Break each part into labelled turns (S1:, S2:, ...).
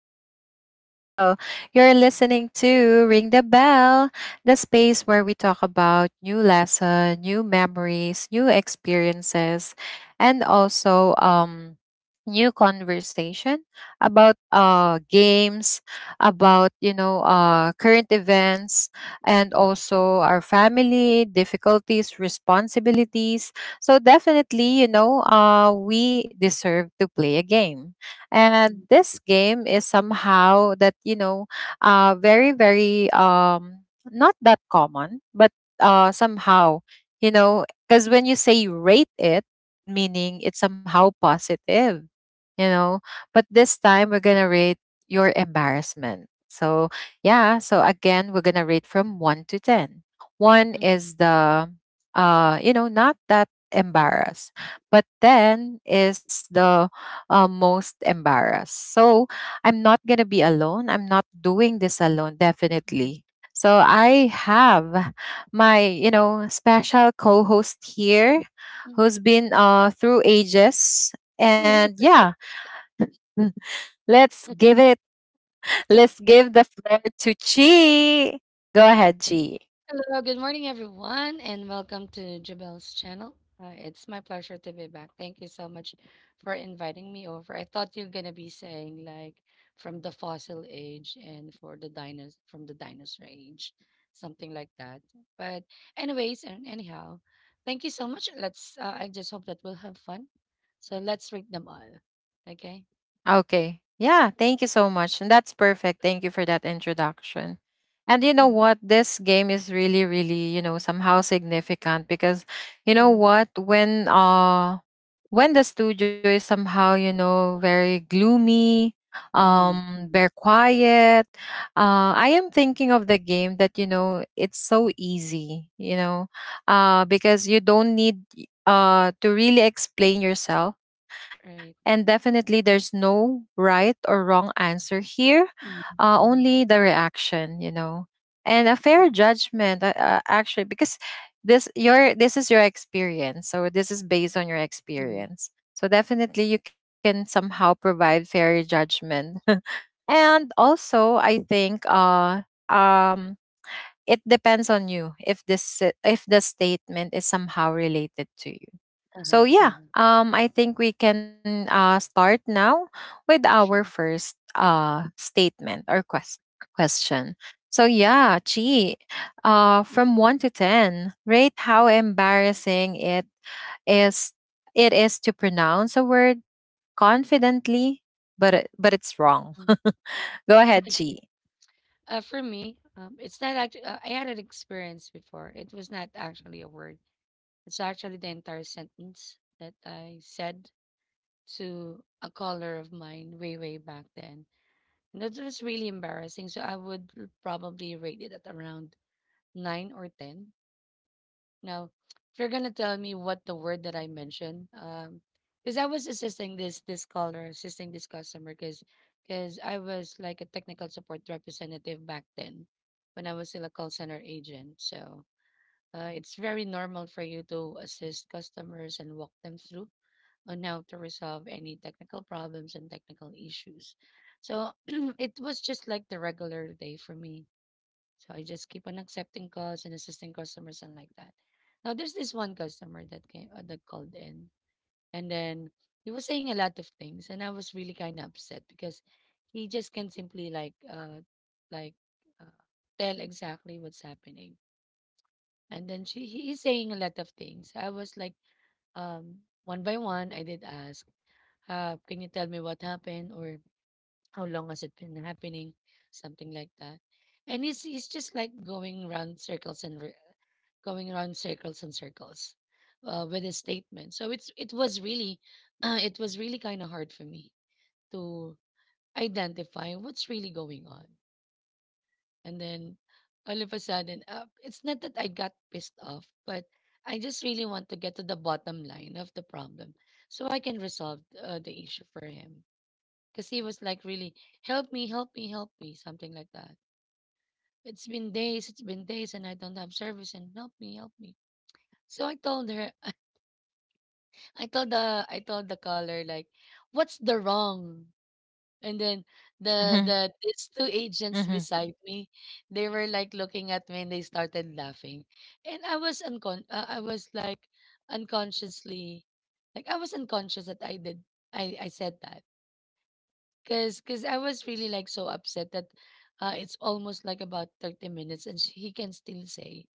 S1: your host, Javelle. You're listening to Ring the Bell, the space where we talk about new lesson, new memories, new experiences, and also new conversation about games, about, current events, and also our family, difficulties, responsibilities, so definitely, we deserve to play a game. And
S2: Mhm,
S1: this game is somehow that, you know, very, very, not that common, but somehow, you know, because when you say rate it, meaning it's somehow positive, you know, but this time we're going to rate your embarrassment. So, yeah, so again, we're going to rate from 1 to 10. 1
S2: mhm,
S1: is the you know, not that embarrassed, but then is the most embarrassed. So I'm not going to be alone. I'm not doing this alone,
S2: mhm,
S1: definitely. So I have my, you know, special co-host here
S2: mhm.
S1: who's been through ages. And yeah, let's give let's give the floor to Chi. Go ahead, Chi.
S2: Hello, good morning, everyone, and welcome to Jabel's channel. It's my pleasure to be back. Thank you so much for inviting me over. I thought you're gonna be saying like from the fossil age and for the dinos from the dinosaur age, something like that. But anyways, and anyhow, thank you so much. Let's. I just hope that we'll have fun. So let's read them all. Okay.
S1: Okay. Yeah, thank you so much. And that's perfect. Thank you for that introduction. And you know
S2: Mm-hmm,
S1: what? This game is really, really, you know, somehow significant because you know
S2: mm-hmm,
S1: what? When the studio is somehow, you know, very gloomy,
S2: mm-hmm,
S1: very quiet, I am thinking of the game that, you know, it's so easy, you know, because you don't need to really explain yourself,
S2: right.
S1: and definitely, there's no right or wrong answer here,
S2: Mm-hmm,
S1: only the reaction, you know, and a fair judgment. Actually, because this is your experience, so this is based on your experience. So definitely, you can somehow provide fair judgment, and also I think um it depends on you if this if the statement is somehow related to you.
S2: uh-huh,
S1: So
S2: uh-huh.
S1: yeah, I think we can start now with our
S2: Sure.
S1: first question. So yeah, Chi, from 1 to 10, rate how embarrassing is. it is to pronounce a word confidently, but it's wrong.
S2: Mm-mm.
S1: Go ahead, Chi.
S2: For me, it's not actually, I had an experience before. It was not actually a word. It's actually the entire sentence that I said to a caller of mine way, way back then. And that was really embarrassing. So I would probably rate it at around 9 or 10. Now, if you're gonna tell me what the word that I mentioned, because I was assisting this caller, assisting this customer, because I was like a technical support representative back then, when I was still a call center agent. So it's very normal for you to assist customers and walk them through on how to resolve any technical problems and technical issues. So, it was just like the regular day for me, so I just keep on accepting calls and assisting customers and like that. Now there's this one customer that came that called in, and then he was saying a lot of things, and I was really kind of upset because he just can't simply like uh, tell exactly what's happening. And then she he is saying a lot of things. I was like um one by one I did ask, can you tell me what happened or how long has it been happening? Something like that. And it's just like going round circles and going round circles and circles, with a statement. So it was really it was really kind of hard for me to identify what's really going on. And then all of a sudden, it's not that I got pissed off, but I just really want to get to the bottom line of the problem, so I can resolve the issue for him, because he was like really help me, help me, help me, something like that. It's been days, it's been days, and I don't have service, and help me, help me. So I told her. I told the, I told the caller, like, what's the wrong? And then
S1: Mm-hmm,
S2: these two
S1: mm-hmm,
S2: agents beside me, they were like looking at me, and they started laughing, and I was unconsciously, like, I was unconscious that I did, I said that. Cause I was really like so upset that, it's almost like about 30 minutes, and he can still say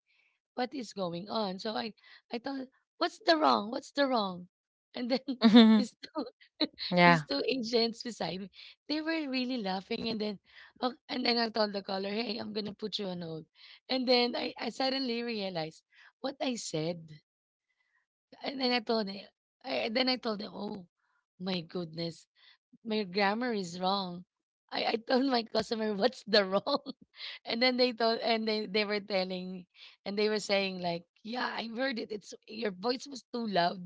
S2: what is going on. So I thought, what's the wrong? What's the wrong? And then
S1: mm-hmm.
S2: these two,
S1: Yeah,
S2: these two agents beside me, they were really laughing. And then, oh, and then I told the caller, hey, I'm gonna put you on hold. And then I suddenly realized what I said. And then I told him, I, then I told them, oh my goodness, my grammar is wrong. I told my customer what's the wrong, and then they were saying like, yeah, I heard it. It's, your voice was too loud.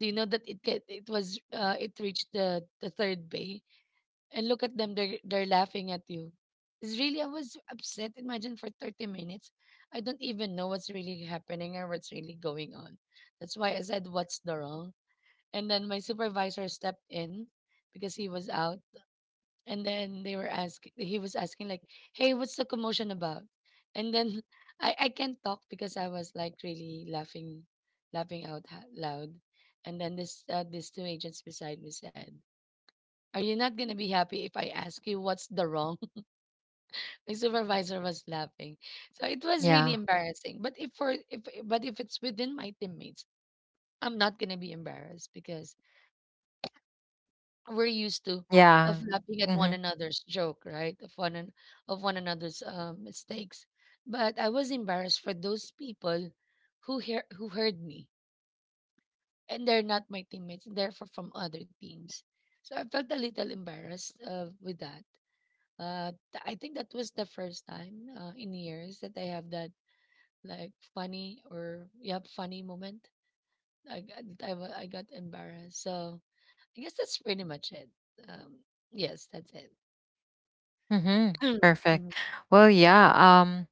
S2: Do you know that it get it was it reached the third bay, and look at them, they're laughing at you. It's really, I was upset. Imagine for 30 minutes, I don't even know what's really happening or what's really going on. That's why I said what's the wrong, and then my supervisor stepped in because he was out, and then they were asking he was asking like, hey, what's the commotion about? And then I can't talk because I was like really laughing, laughing out loud. And then this these two agents beside me said, are you not going to be happy if I ask you what's the wrong? My supervisor was laughing, so it was
S1: yeah,
S2: really embarrassing, but if for if but if it's within my teammates, I'm not going to be embarrassed because we're used to
S1: yeah.
S2: of laughing
S1: Mm-hmm,
S2: at one another's joke, right? Of one another's, mistakes. But I was embarrassed for those people who heard me, and they're not my teammates, therefore from other teams. So I felt a little embarrassed with that. I think that was the first time, in years, that I have that like funny or, yeah, funny moment. I got I got embarrassed. So I guess that's pretty much it. Um, yes, that's it.
S1: mm-hmm.
S2: Ừm,
S1: Perfect.
S2: ừm,
S1: Well, yeah. Um,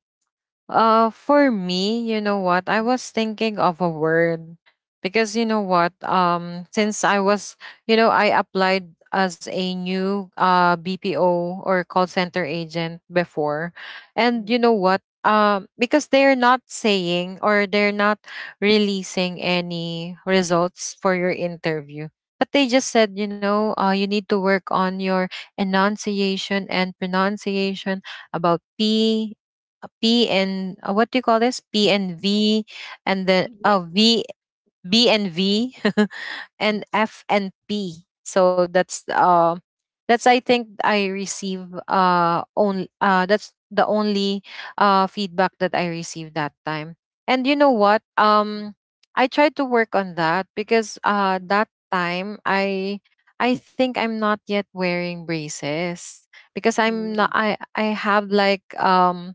S1: uh, for me, you know what? I was thinking of a word because you know what? Since I was, you know, I applied as a new BPO or call center agent before, and
S2: ừm,
S1: you know what? Because they're not saying, or they're not releasing any results for your interview. But they just said, you know, you need to work on your enunciation and pronunciation about P, and what do you call this? P and V, and then
S2: kinh nghiệm.
S1: oh V, B and V,
S2: Ừm,
S1: and F and P. So that's I think I receive only that's the only feedback that I received that time. And you know what? I tried to work on that because
S2: ừm,
S1: that time I think I'm not yet wearing braces because I'm
S2: ừm,
S1: not I I have like um,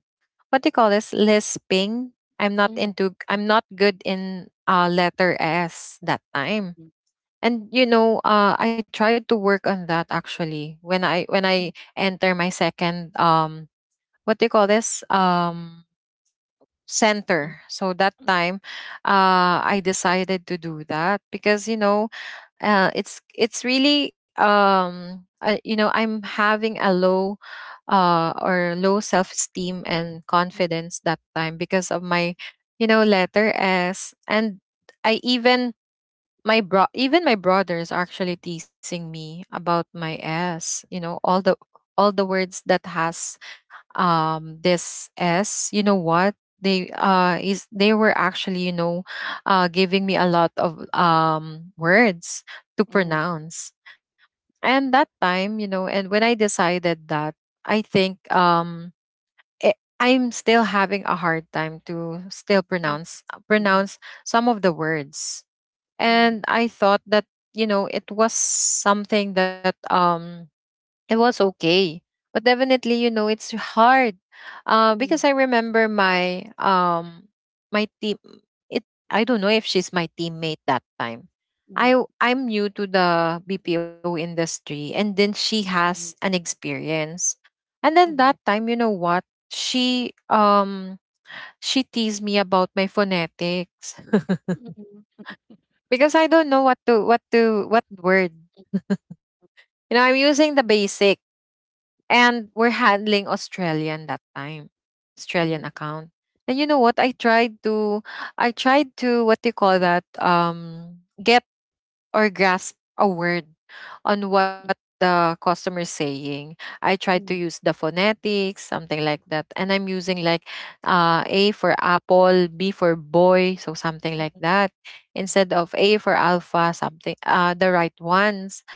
S1: what do you call this, lisping?
S2: ừm, ừm,
S1: I'm not good in letter S that time.
S2: ừm, ừm,
S1: And you know, I tried to work on that actually when I enter my second um, what do you call this um,
S2: ừm,
S1: center. So that time I decided to do that because you know, it's really you know, I'm having a low or low self esteem and confidence that time because of my, you know, letter S. And I even, my bro even my brother is actually teasing me about my S. You know, all the words that has um, this S. You know what? They were actually, you know, giving me a lot of um, words to
S2: ừm, ừm, ừm,
S1: pronounce. And that time, you know, and when I decided that, I think um, I'm still having a hard time to still
S2: ừm, ừm, ừm, ừm,
S1: pronounce some of the words. And I thought that, you know, it was something that um, it was okay, but definitely, you know, it's hard
S2: ừm, ừm, ừm,
S1: because I remember my um, my team, it I don't know if she's my teammate that time. I'm new to the BPO industry, and then she has an experience. And
S2: ừm,
S1: then
S2: ừm, ừm,
S1: that time, you know what, she teased me about my phonetics because I don't know what word, you know, I'm using the basic. And we're handling Australian that time, Australian account. And you know what? I tried to, what do you call that? Get or grasp a word on what the customer is saying. I tried to
S2: ừm,
S1: use the phonetics, something like that. And I'm using like A for apple, B for boy, so something like that. Instead of A for alpha, something, the right ones.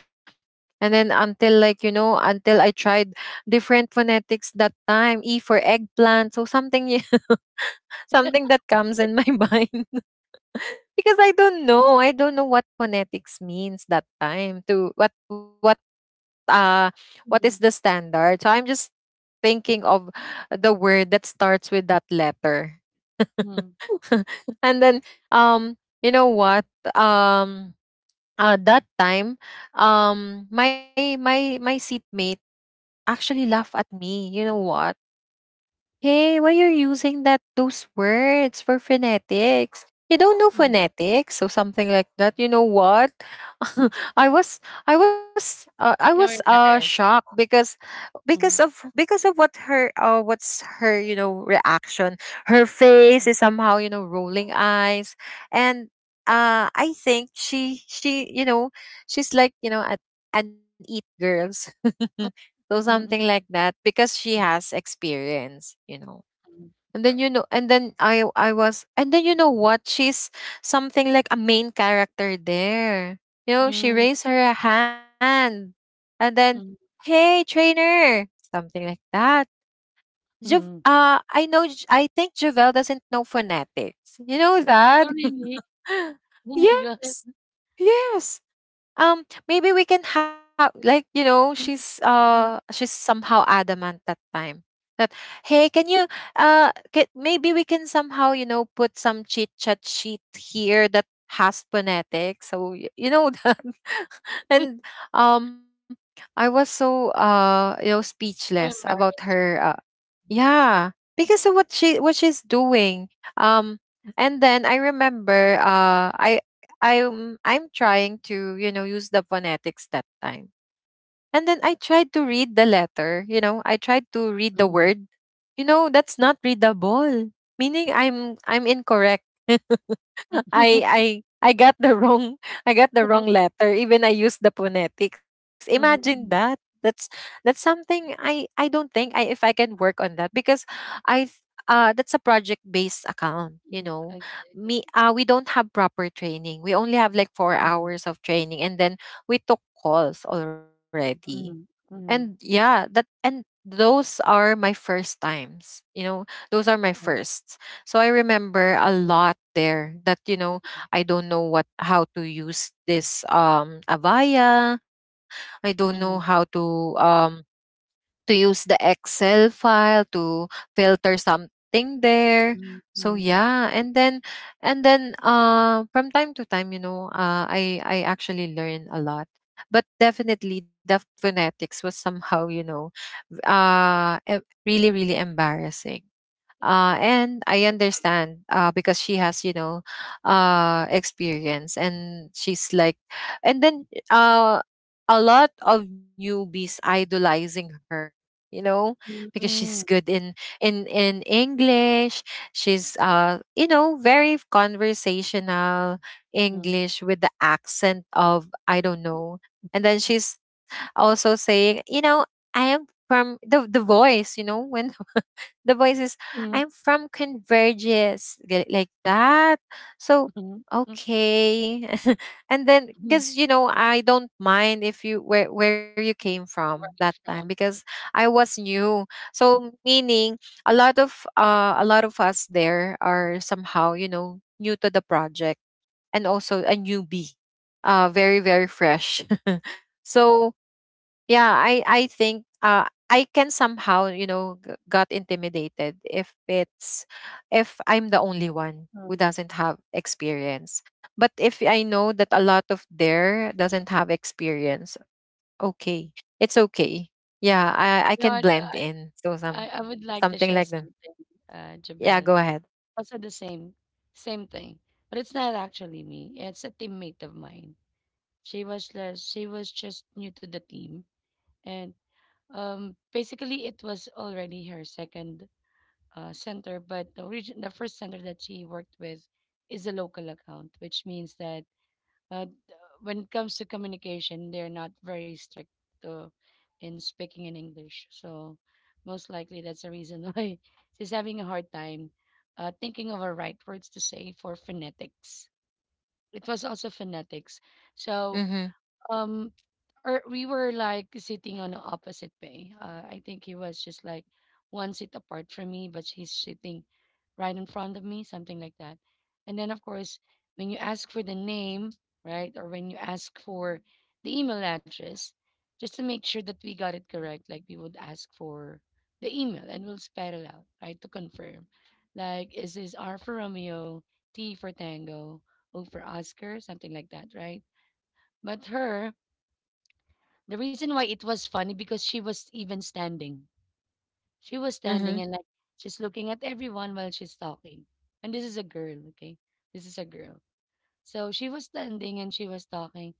S1: And then until like, you know, until I tried different phonetics that time, E for eggplant. So something that comes in my mind. Because I don't know. I don't know what phonetics means that time to uh what is the
S2: ừm,
S1: standard. So I'm just thinking of the word that starts with that letter.
S2: ừm,
S1: And then um, you know what? Um that time um, my seatmate actually laugh at me. You know what? Hey, why you're using that, those words for phonetics? You don't know
S2: ừm.
S1: phonetics or something like that. You know what? I was I was
S2: You're
S1: uh,
S2: embarrassed.
S1: shocked because
S2: Ừm,
S1: because of what her what's her you know, reaction. Her face
S2: ừm,
S1: is somehow, you know, rolling eyes. And I think she, you know, she's like, you know, at an eat girls. So something
S2: ừm, ừm,
S1: like that, because she has experience, you know. And then, you know, and then I was, and then, you know what? She's something like a main character there. You know, she raised her hand, and then,
S2: ừm, ừm, ừm,
S1: "Hey, trainer." Something like that.
S2: hm.
S1: I think Javel doesn't know phonetics. You know
S2: Oh,
S1: that?
S2: really? Oh my god.
S1: Yes. Yes. Maybe we can have like, you know,
S2: Mm, mm.
S1: she's somehow adamant that time. That hey, maybe we can somehow, you know, put some chit chat sheet here that has phonetics. So you know that. And um, I was so you know, speechless
S2: So
S1: about
S2: embarrassed.
S1: her, yeah, because of what she what she's doing. Um, and then I remember, I'm trying to, you know, use the phonetics that time, and then I tried to read the letter. You know, I tried to read the
S2: Mm.
S1: word. You know, that's not readable. Meaning, I'm incorrect. I I I got the wrong I got the
S2: Mm,
S1: wrong letter. Even I used the phonetics. Imagine
S2: mhm,
S1: that.
S2: mm,
S1: That's something I don't think I if I can work on that, because I th- that's a project based account, you
S2: mm.
S1: know.
S2: Okay.
S1: Me
S2: Okay.
S1: we don't have proper training. We only have like 4
S2: Mm,
S1: hours of training, and then we took calls already.
S2: mm,
S1: And
S2: mm.
S1: yeah, that and those are my first times, you know, those are my
S2: Yeah.
S1: firsts. So I remember a lot there that, you know, I don't know what how to use this um, Avaya. I don't know how
S2: Mm,
S1: to um, to use the Excel file to filter something there.
S2: mhm,
S1: So
S2: mhm.
S1: yeah, and then, and then from time to time, you know, I actually learn a lot. But definitely the phonetics was somehow, you know, v- uh e- really, really embarrassing.
S2: It is.
S1: And I understand because she has, you know, experience, and she's like, and then a lot of newbies idolizing her, you know, because she's
S2: Mhm,
S1: good in english. She's you know, very conversational
S2: mhm,
S1: english with the accent of, I don't know. And then she's also saying, you know, I am from the voice, you know, when the voice is,
S2: mhm,
S1: I'm from converges, like that. So
S2: mhm, mhm,
S1: okay. And then
S2: mhm.
S1: because, you know, I don't mind if you where you came from
S2: Where
S1: that
S2: you're
S1: time,
S2: from.
S1: because
S2: It's,
S1: I was new. So meaning a lot of us there are somehow, you know, new to the project, and also a newbie, very, very fresh. So yeah, I think I can somehow, you know, got intimidated if it's, if I'm the only one who
S2: um,
S1: doesn't have experience. But if I know that a lot of there doesn't have experience, okay, it's okay. Yeah, I can
S2: you know
S1: blend
S2: what,
S1: in. So
S2: I would like to
S1: something like
S2: share
S1: that.
S2: something,
S1: Yeah, go
S2: Jabel.
S1: ahead.
S2: Also the same thing, but it's not actually me. It's a teammate of mine. She was just new to the team, and basically it was already her second center, but the origin, the first center that she worked with is a local account, which means that uh, d- when it comes to communication, they're not very strict to, in speaking in English. So most likely that's the reason why she's having a hard time thinking of the right words to say for phonetics. It was also phonetics. So
S1: Mm-hmm.
S2: um, or we were like sitting on the opposite bay. I think he was just like one seat apart from me, but he's sitting right in front of me, something like that. And then, of course, when you ask for the name, right, or when you ask for the email address, just to make sure that we got it correct, like we would ask for the email and we'll spell it out, right, to confirm. Like, is this R for Romeo, T for Tango, O for Oscar, something like that, right? But her, the reason why it was funny because she was even standing. She was
S1: Mm-hmm.
S2: standing and like she's looking at everyone while she's talking. And this is a girl, okay? This is a girl. So she was standing and she was talking,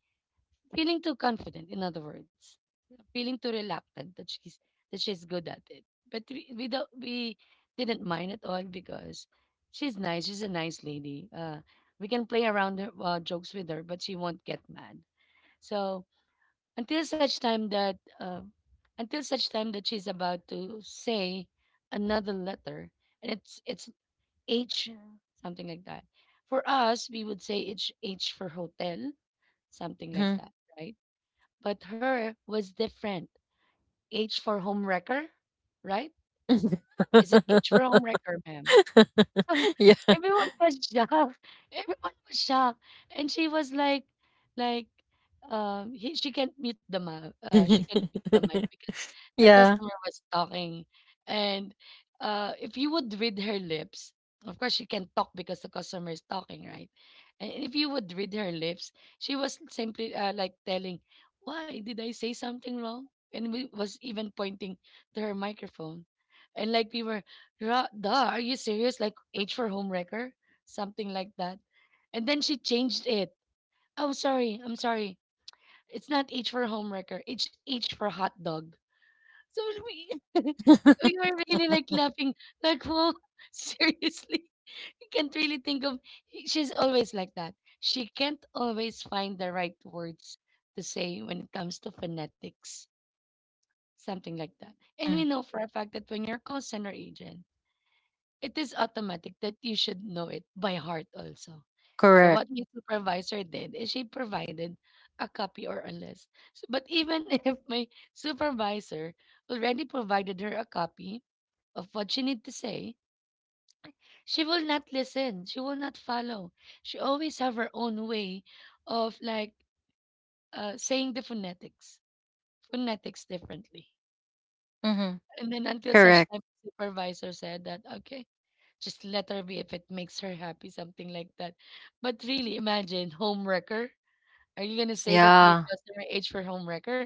S2: feeling too confident, in other words, feeling too reluctant that she's good at it. But we didn't mind at all because she's nice. She's a nice lady. We can play around her, jokes with her, but she won't get mad. So until such time that until such time that she's about to say another letter, and it's h, something like that. For us we would say it's h for hotel, something like that, right? But her was different. H for home wrecker, right?
S1: Mm-hmm.
S2: Is it h for home wrecker, ma'am? So everyone was shocked. Everyone was shocked, and she was like, like, she can't mute the mic. She can't mute the mic because the
S1: Yeah.
S2: customer was talking, and if you would read her lips, of course she can't talk because the customer is talking, right? And if you would read her lips, she was simply like telling, "Why did I say something wrong?" And we was even pointing to her microphone, and like we were, duh, are you serious? Like H for Homewrecker? Something like that. And then she changed it. Oh, sorry. I'm sorry. It's not H for Homewrecker. It's H for hot dog. So we, so we were really like laughing. Like, whoa, seriously. You can't really think of. She's always like that. She can't always find the right words to say when it comes to phonetics. Something like that.
S1: Mm.
S2: And we know for a fact that when you're a call center agent, it is automatic that you should know it by heart also. So
S1: Correct.
S2: what my supervisor did is she provided a copy or a list. So, but even if my supervisor already provided her a copy of what she need to say, she will not listen. She will not follow. She always have her own way of like saying the phonetics differently.
S1: Mhm.
S2: And then until
S1: Correct.
S2: such time, supervisor said that, okay, just let her be if it makes her happy, something like that. But really, imagine homewrecker. Are you gonna say that to your
S1: Yeah.
S2: customer, age for homewrecker?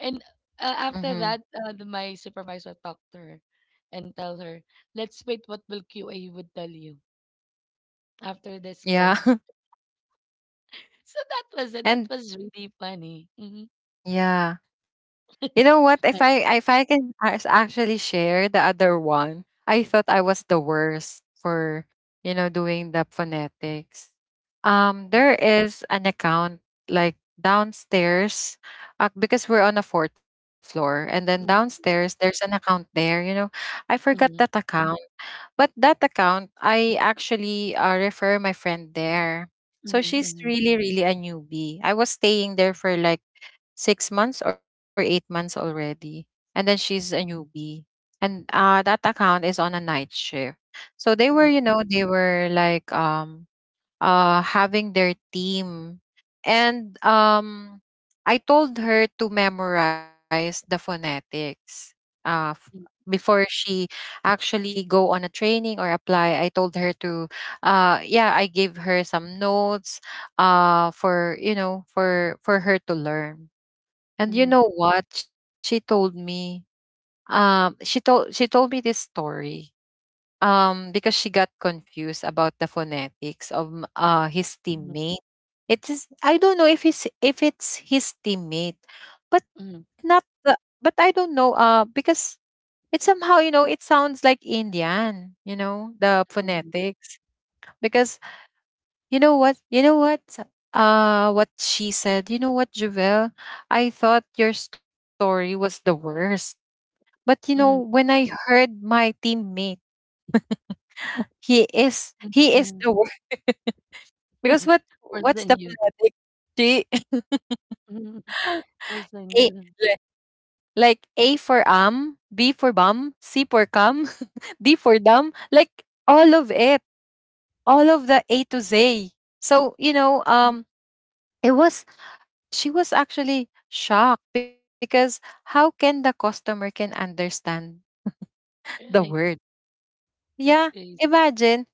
S2: And
S1: Mhm.
S2: after that, my supervisor talked to her and tell her, let's wait. What will QA would tell you after this call?
S1: Yeah.
S2: So that was it. That
S1: And
S2: was really funny.
S1: yeah. You know what? If
S2: Imagine.
S1: I if I can actually share the other one. I thought I was the worst for doing the phonetics. There is an account like downstairs, because we're on a fourth floor, and then downstairs
S2: Mhm,
S1: there's an account there. I forgot that
S2: mhm,
S1: account. But that account, I actually refer my friend there. So she's
S2: mhm,
S1: really, really a newbie. I was staying there for like 6 months or 8 months already. And then she's a newbie. And that account is on a night shift. So they were, you
S2: mhm,
S1: know, they were like having their team. And I told her to memorize the phonetics uh, f- before she actually go on a training or apply. I told her. I gave her some notes for for her to learn. And you
S2: mhm,
S1: know what she told me? She told she told me this story, because she got confused about the phonetics of his
S2: mhm,
S1: teammate. It is, I don't know if it's his teammate, but
S2: mhm,
S1: not
S2: mhm,
S1: the, but I don't know, because it somehow, you know, it sounds like Indian, you know, the phonetics. Because you know what you know what what she said, you know what, Jovel? I thought your story was the worst, but you know,
S2: mhm, mhm,
S1: when I heard my teammate, he is he
S2: mhm,
S1: is the...
S2: mhm.
S1: Because what
S2: Worse than
S1: what's
S2: you.
S1: the phonetic? G
S2: Mhm. Or Zynga.
S1: A, li- like A for am, B for bum, C for cum, D for dumb, like all of it, all of the A to Z. So, you know,
S2: Mm.
S1: it was... she was actually shocked because how can the customer can understand the
S2: Right.
S1: word?
S2: That's
S1: Yeah,
S2: crazy.
S1: imagine,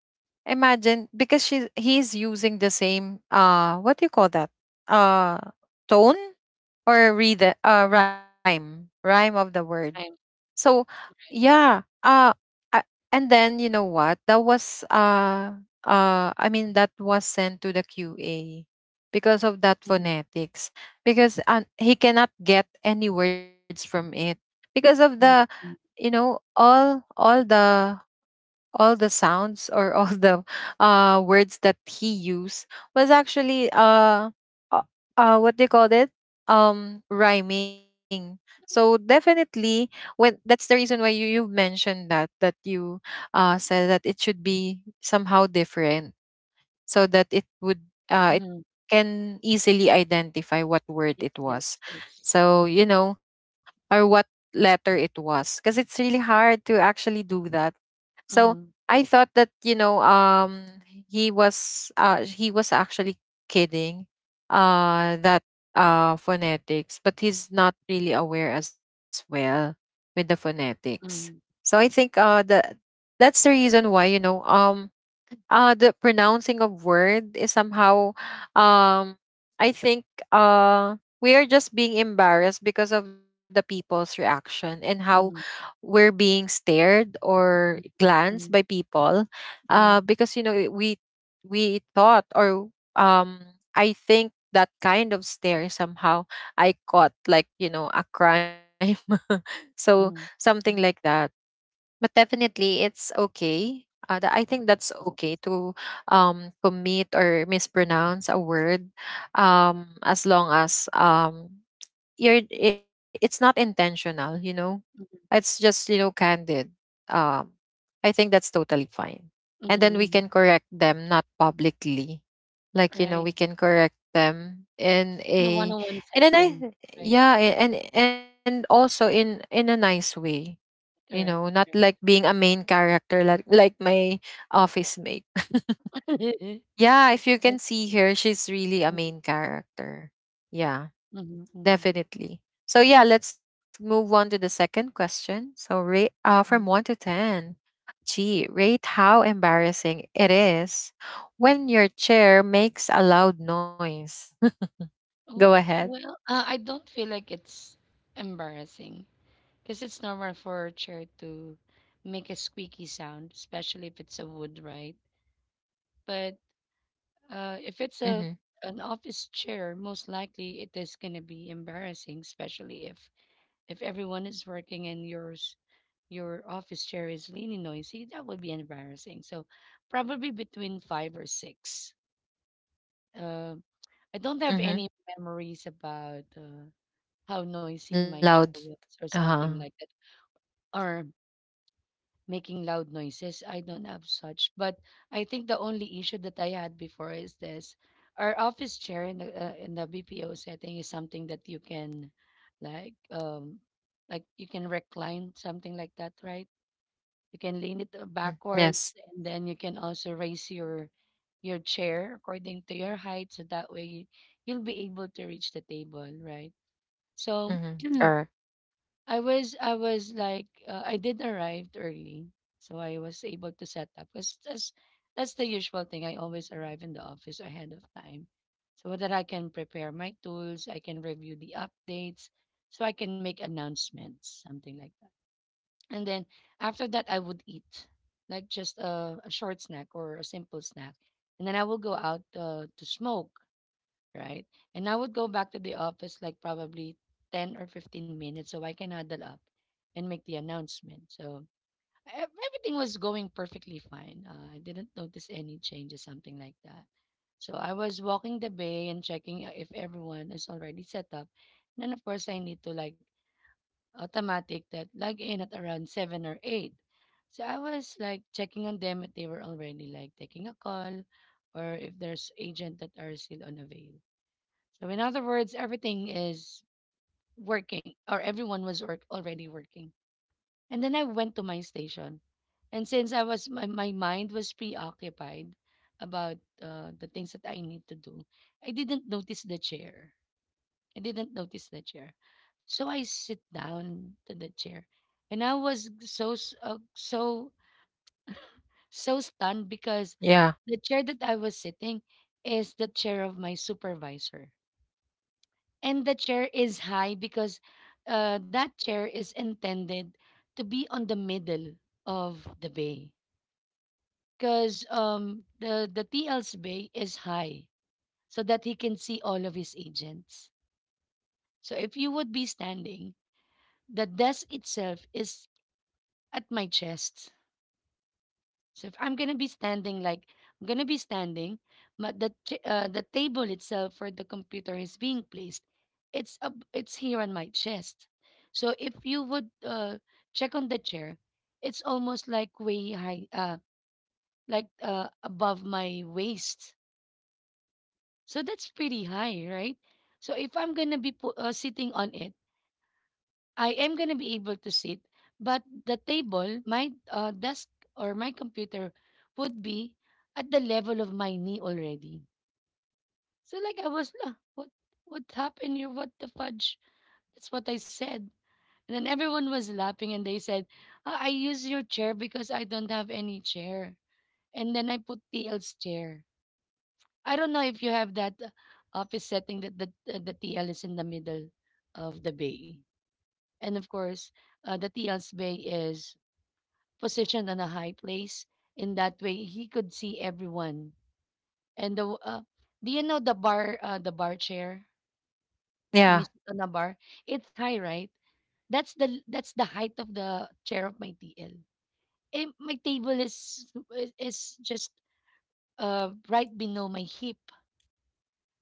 S1: imagine, because she's he's using the same, what do you call that? Uh Tone, or read the rhyme of the word.
S2: Prime,
S1: So,
S2: prime.
S1: yeah, I, and then you know what? That was, I mean, that was sent to the QA because of that
S2: Mm,
S1: phonetics, because he cannot get any words from it, because of the,
S2: mm,
S1: you
S2: mm,
S1: know all all the all the sounds, or all the words that he used was actually, uh, what they called it, rhyming. So definitely, when, that's the reason why you mentioned that that you said that it should be somehow different, so that it
S2: mm.
S1: can easily identify what word
S2: Yes,
S1: it was,
S2: yes, yes.
S1: so
S2: Mm,
S1: or what letter it was, because it's really hard to actually do that. So
S2: mm,
S1: I thought that, he was, he was actually kidding, that, phonetics, but he's not really aware as well with the phonetics.
S2: mm,
S1: So I think, the that's the reason why, the pronouncing of word is somehow, um I think, uh we are just being embarrassed because of the people's reaction, and how
S2: mm,
S1: we're being stared or glanced
S2: mm,
S1: by people,
S2: mm,
S1: because we thought, or um I think that kind of stare somehow, I caught like, a crime. So
S2: mm,
S1: something like
S2: mm,
S1: that. But definitely, it's okay, I think that's okay to commit or mispronounce a word, as long as, it's not intentional, it's
S2: mm,
S1: just candid. Um, I think that's totally fine.
S2: mm,
S1: And then we can
S2: mm.
S1: correct them, not publicly. Like,
S2: Right.
S1: we can correct them in
S2: On a
S1: a
S2: one-on-one
S1: nice,
S2: session, right?
S1: yeah, and also in a nice way. You know,
S2: Correct,
S1: not like
S2: correct.
S1: being a main character, like my office mate. Yeah, if you
S2: Right.
S1: can see her, she's really a
S2: Mm,
S1: main character. Yeah.
S2: mhm, mhm,
S1: Definitely. So yeah, let's move on to the second question. So rate, from one to
S2: mhm.
S1: 10. Gee, rate how embarrassing it is when your chair makes a loud noise. Go
S2: Oh,
S1: ahead.
S2: well, I don't feel like it's embarrassing because it's normal for a chair to make a squeaky sound, especially if it's a wood, right? But if
S1: Mm-hmm.
S2: it's a an office chair, most likely it is going to be embarrassing, especially if everyone is working and yours your office chair is leaning noisy. That would be embarrassing. So probably between five or six. Um, I don't
S1: Mm-hmm.
S2: have any memories about how noisy
S1: Loud.
S2: my chair was or
S1: Uh
S2: something like that, or making loud noises. I don't have such. But I think the only issue that I had before is this. Our office chair in the BPO setting is something that like um you can recline something like that, right? You can lean it
S1: huh. Yes.
S2: backwards, and then you can also raise your chair according to your height so that way you'll be able to reach the table, right? So
S1: Mm-hmm. Correct.
S2: I was like, I did arrive early, so I was able to set up because that's the usual thing. I always arrive in the office ahead of time, so that I can prepare my tools, I can review the updates, so I can make announcements, something like that. And then after that, I would eat like just a short snack or a simple snack, and then I will go out to smoke, right? And I would go back to the office like probably 10 or 15 minutes so I can huddle up and make the announcement. So everything was going perfectly fine. I didn't notice any changes, something like that. So I was walking the bay and checking if everyone is already set up. And then, of course, I need to like automatic that log in at around 7 or 8. So I was like checking on them if they were already like taking a call, or if there's agent that are still unavailable. So, in other words, everything is working, or everyone was already working. And then I went to my station. And since my mind was preoccupied about the things that I need to do, I didn't notice the chair. I didn't notice the chair. So I sit down to the chair. And I was so stunned because
S1: Yeah.
S2: the chair that I was sitting is the chair of my supervisor. And the chair is high because that chair is intended to be on the middle of the bay because the TL's bay is high so that he can see all of his agents. So if you would be standing, the desk itself is at my chest. So if I'm gonna be standing, like I'm gonna be standing, but the table itself for the computer is being placed. It's up, it's here on my chest. So if you would check on the chair, it's almost like way high, like above my waist. So that's pretty high, right? So if I'm gonna be sitting on it, I am going to be able to sit, but the table, my desk, or my computer would be at the level of my knee already. So like I was, "Ah, what happened here? What the fudge?" That's what I said. And then everyone was laughing and they said, "Ah, I use your chair because I don't have any chair. And then I put TL's chair." I don't know if you have that office setting that the TL is in the middle of the bay. And of course, the TL's bay is positioned on a high place. In that way, he could see everyone. And the do you know the bar chair, when you
S1: Yeah.
S2: sit on a bar? It's high, right? That's the height of the chair of my TL. My table is just right below my hip.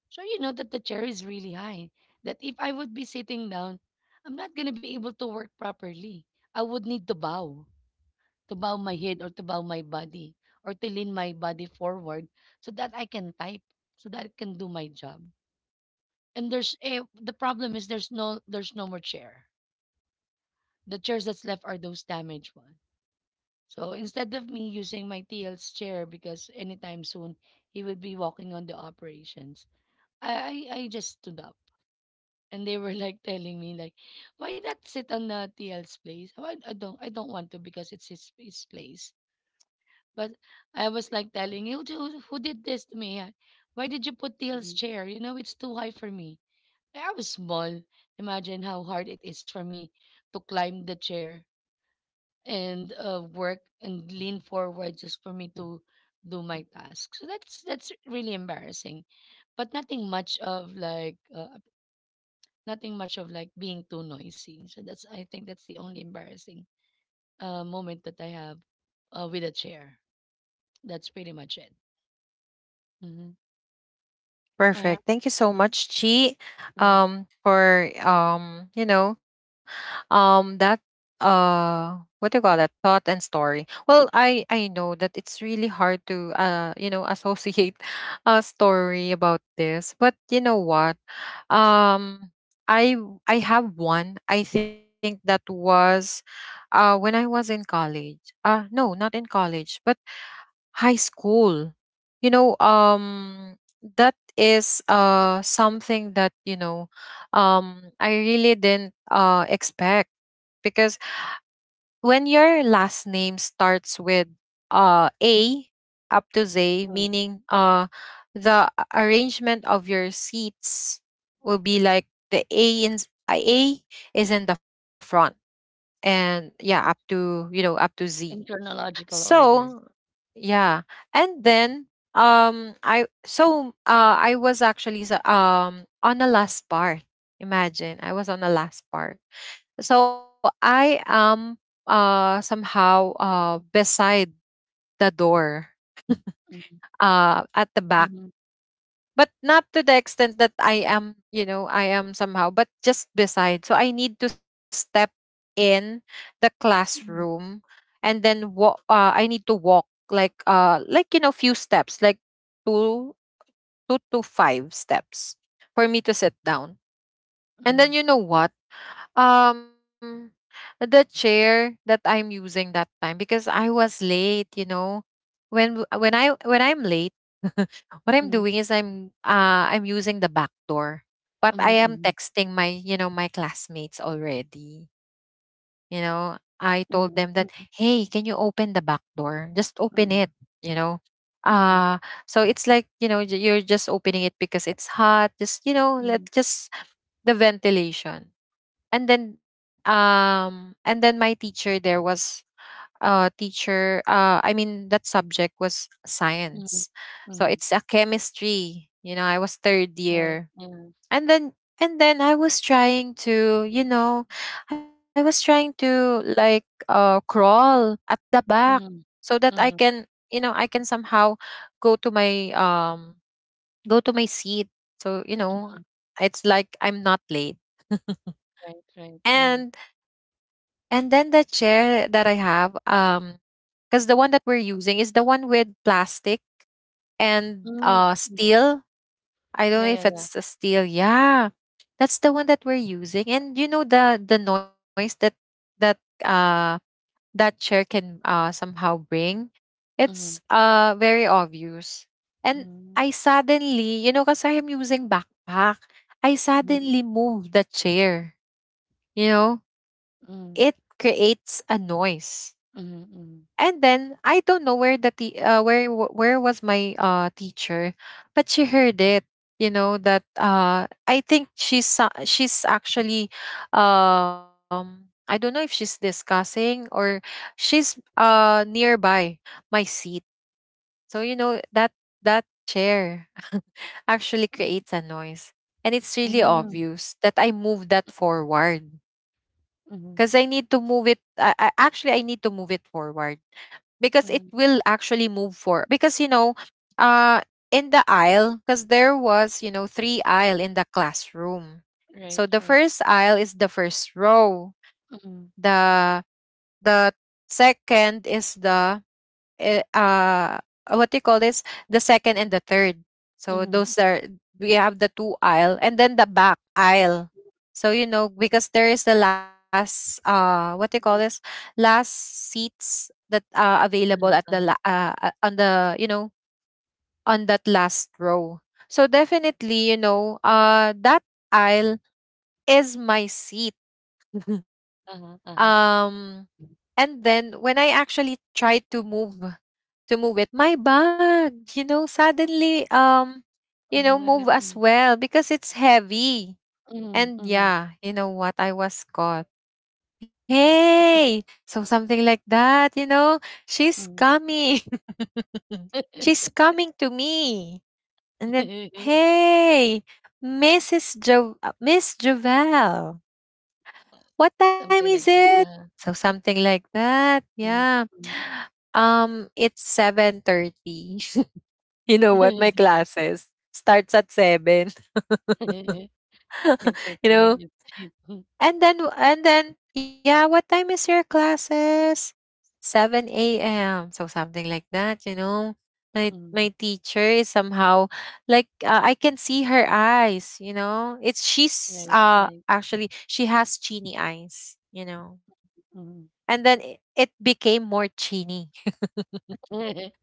S2: So you know that the chair is really high. That if I would be sitting down, I'm not gonna be able to work properly. I would need to bow my head, or to bow my body, or to lean my body forward so that I can type, so that I can do my job. And there's a the problem is there's no more chair. The chairs that's left are those damaged ones. So instead of me using my TL's chair, because anytime soon he will be walking on the operations, I just stood up and they were like telling me like, why not sit on the TL's place? Oh, I don't want to because it's his place. But I was like telling you, who did this to me? Why did you put Teal's chair? You know, it's too high for me. I was small. Imagine how hard it is for me to climb the chair and work and lean forward just for me to do my task. So that's really embarrassing, but nothing much of like being too noisy. So that's I think that's the only embarrassing moment that I have with a chair. That's pretty much it. Mm-hmm.
S1: Perfect. Thank you so
S2: Mhm,
S1: much, Chi,
S2: right.
S1: for that, what do you call that, thought and story. Well, I know that it's really hard to, associate a story about this. But you know what, um, I I have one. I think that was, when I was in college. No, not in college, but high school. You know, that is something that, I really didn't expect. Because when your last name starts with, A up to Z,
S2: Mm.
S1: meaning, the arrangement of your seats will be like the A in A is in the front, and yeah, up to, you know, up to Z.
S2: In chronological
S1: So,
S2: order.
S1: yeah. And then, I was actually on the last part. Imagine, I was on the last part. So I am, somehow, beside the door,
S2: Mhm,
S1: at the back,
S2: mhm,
S1: but not to the extent that I am somehow, but just beside. So I need to step in the
S2: mhm,
S1: classroom and then walk. I need to walk like, few steps, like two, two to five steps, for me to sit down. And
S2: mhm,
S1: then you know what? Um the chair that I'm using that time, because I was late, you know, when I'm late, what I'm
S2: mhm,
S1: doing is I'm using the back door, but I am
S2: mhm,
S1: texting my classmates already. You know, I told them that,
S2: mhm,
S1: hey, can you open the back door? Just open
S2: mhm,
S1: it. You know,
S2: mhm,
S1: uh so it's like, you're just opening it because it's hot. Just, let,
S2: mhm,
S1: just the ventilation. And then my teacher there was, I mean, that subject was
S2: mhm,
S1: science. So
S2: mhm.
S1: it's a chemistry. You know, I was third
S2: Right.
S1: year.
S2: Yeah.
S1: And then, and then, I was trying to, you know, I was trying to like, crawl at the back,
S2: Mhm,
S1: so that I
S2: mhm,
S1: can, you know, I can somehow go to my seat. So,
S2: mhm.
S1: it's like I'm not late.
S2: Right, right. Mhm.
S1: and and then the chair that I have, because the one that we're using is the one with plastic and
S2: Mhm, mhm.
S1: steel. I don't
S2: Yeah,
S1: know
S2: yeah,
S1: if
S2: yeah.
S1: it's a steel. Yeah, that's the one that we're using. And you know the noise that that uh that chair can somehow bring. It's
S2: Mhm,
S1: very obvious. And
S2: mhm,
S1: I suddenly, because I am using backpack, I
S2: mhm,
S1: suddenly move the chair. You know, it
S2: mhm,
S1: creates a noise.
S2: mhm,
S1: And
S2: mhm,
S1: then I don't know where the where was my teacher, but she heard it. You know that, I think she's actually, I don't know if she's discussing, or she's nearby my seat. So you know that that chair actually
S2: mhm,
S1: creates a noise, and it's really
S2: mhm,
S1: obvious that I move that forward, because I
S2: mhm,
S1: need to move it I, actually I need to move it forward, because it
S2: mhm.
S1: will actually move forward. Because, you know, uh, in the aisle, because there was, three aisle in the classroom.
S2: Right,
S1: So the
S2: right.
S1: first aisle is the first row.
S2: Mhm,
S1: The the second is the, eh, uh what do you call this, the second and the third, so those
S2: mhm,
S1: are we have the two aisle, and then the back aisle. So you know, because there is the last, what do you call this,
S2: mhm.
S1: last seats that are available at the,
S2: Uh-huh, uh-huh,
S1: on the you know on that last row. So definitely, you know, that aisle is my seat.
S2: uh-huh, uh-huh.
S1: um and then, when I actually tried to move it. My bag, suddenly,
S2: Mhm, what
S1: move as
S2: happened?
S1: well because it's heavy.
S2: Mhm,
S1: And
S2: mhm,
S1: yeah, you know what? I was caught. Hey, so something like that. She's
S2: mhm.
S1: coming. She's coming to me. And then, hey, Miss Jovel, what time
S2: Something
S1: is
S2: like that,
S1: it?
S2: uh-huh.
S1: So something like that.
S2: Mm,
S1: Yeah. It's 7:30. You know what? My
S2: mm.
S1: classes starts at 7.
S2: In
S1: you
S2: 30
S1: know?
S2: minutes,
S1: And then yeah, what time is your classes? 7 a.m. So something like that. My
S2: Mm.
S1: my teacher is somehow like, I can see her eyes. It's she's
S2: Right, right.
S1: Actually, she has chini eyes.
S2: Mm.
S1: And then it became more chini,
S2: I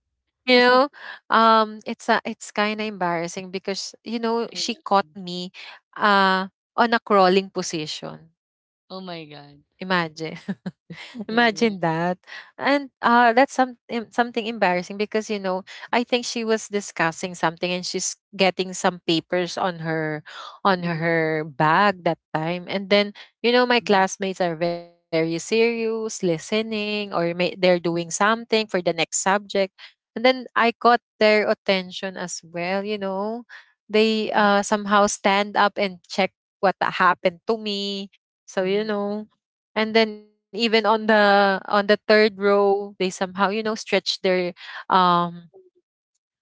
S1: you know it's kind of embarrassing because,
S2: know.
S1: she caught me uh on a crawling position.
S2: Oh my God.
S1: Imagine
S2: Yeah,
S1: Imagine
S2: yeah.
S1: that. And, that's some something embarrassing, because, I think she was discussing something, and she's getting some papers on her on
S2: Mm,
S1: her bag that time. And then, my
S2: mm, mm,
S1: classmates are very serious, listening, or they're doing something for the next subject. And then I caught their attention as well, They somehow stand up and check what happened to me. So, you
S2: mm,
S1: know, and then even on the third row they somehow stretch um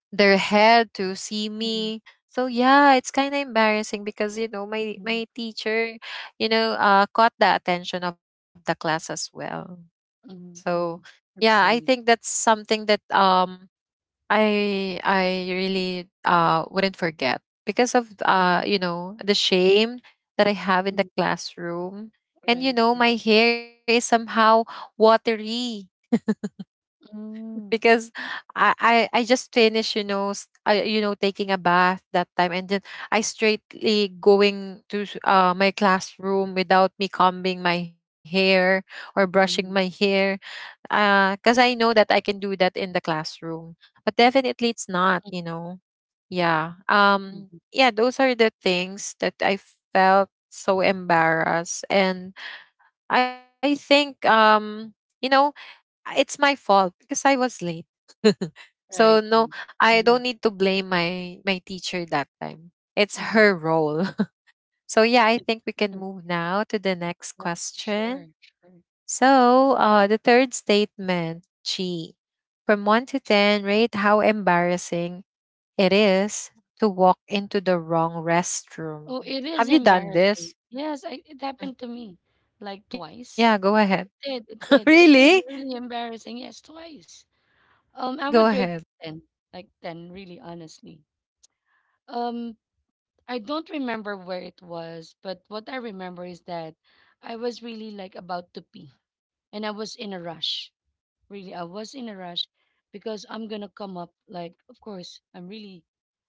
S1: their head to see
S2: mm,
S1: me. So, yeah, it's kind of embarrassing because my
S2: mm,
S1: my teacher caught the attention of the class as well. So,
S2: mm, mm.
S1: yeah, I
S2: That's
S1: think
S2: funny.
S1: that's something that I really wouldn't forget because of
S2: Mm,
S1: the shame that I have in the
S2: mm.
S1: classroom. And
S2: Right, right.
S1: my hair is somehow watery
S2: Mm,
S1: because I just finished you know s- I, you know taking a bath that time. And then I straightly going to my classroom without me combing my hair or brushing my
S2: mm, mm,
S1: hair. Cause I know that I can do that in the classroom, but definitely it's not, you know? Yeah,
S2: mm, mm.
S1: yeah, those are the things that I felt so embarrassed. And I think, you know, it's my fault because I was late. So
S2: Right,
S1: no,
S2: right.
S1: I don't need
S2: Mm,
S1: to blame my teacher that time. It's her
S2: mm.
S1: role. So yeah, I think we can move now to the next
S2: Yep, sure,
S1: question.
S2: sure.
S1: So the third statement, G, from 1 to 10, rate how embarrassing it is to walk into the wrong restroom.
S2: Oh, it is
S1: Have you done
S2: embarrassing.
S1: this?
S2: Yes, it happened to
S1: Mm.
S2: me like
S1: Yeah,
S2: twice.
S1: go ahead.
S2: It did, it did. It is
S1: Really?
S2: really embarrassing. Yes, twice. I would
S1: Go
S2: rate it
S1: ahead.
S2: 10, like 10, really honestly. Um, I don't remember where it was, but what I remember is that I was really like about to pee and I was in a rush. Really, I was in a rush because I'm gonna come up like, of course, I'm really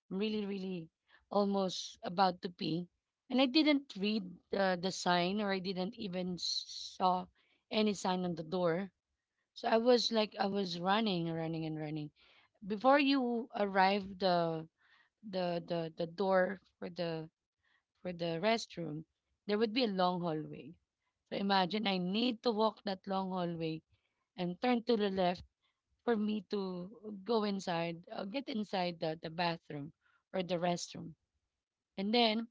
S2: really, really almost about to pee. And I didn't read the sign, or I didn't even saw any sign on the door. So I was running, running and running. Before you arrive the door for the restroom, there would be a long hallway. So imagine I need to walk that long hallway and turn to the left for me to get inside the bathroom or the restroom. And then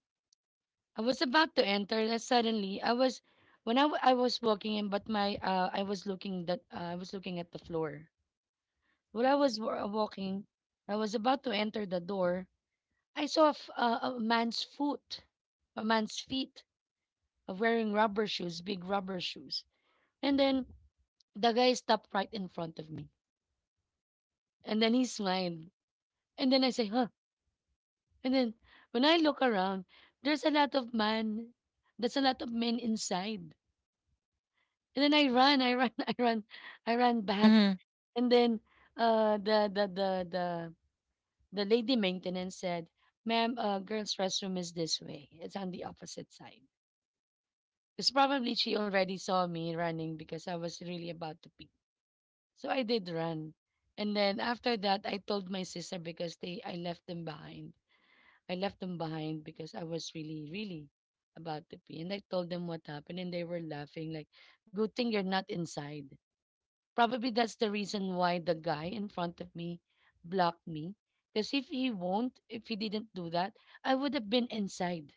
S2: I was about to enter that suddenly I was when I was walking in, but my I was looking at the floor. While I was walking, I was about to enter the door. I saw a man's foot, a man's feet, of wearing rubber shoes, big rubber shoes. And then the guy stopped right in front of me. And then he smiled. And then I say, "Huh." And then when I look around, there's a lot of man, there's a lot of men inside. And then I run, I run back.
S1: Hmm.
S2: And then uh the the the the the lady maintenance said, "Ma'am, girls' restroom is this way. It's on the opposite side." Because probably she already saw me running because I was really about to pee. So I did run. And then after that, I told my sister because they I left them behind. I left them behind because I was really, really about to pee. And I told them what happened, and they were laughing like, "Good thing you're not inside." Probably that's the reason why the guy in front of me blocked me. Because if he won't, if he didn't do that, I would have been inside.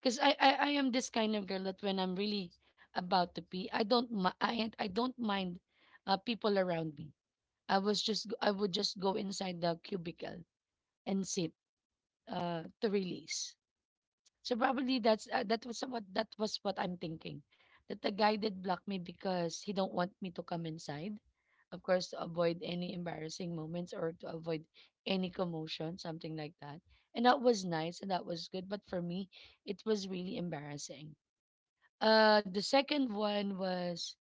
S2: Because I am this kind of girl that when I'm really about to pee, I don't mind people around me. I would just go inside the cubicle and sit to release. So probably that was what I'm thinking. That the guy did block me because he don't want me to come inside. Of course, to avoid any embarrassing moments or to avoid any commotion, something like that. And that was nice and that was good, but for me, it was really embarrassing. The second one was,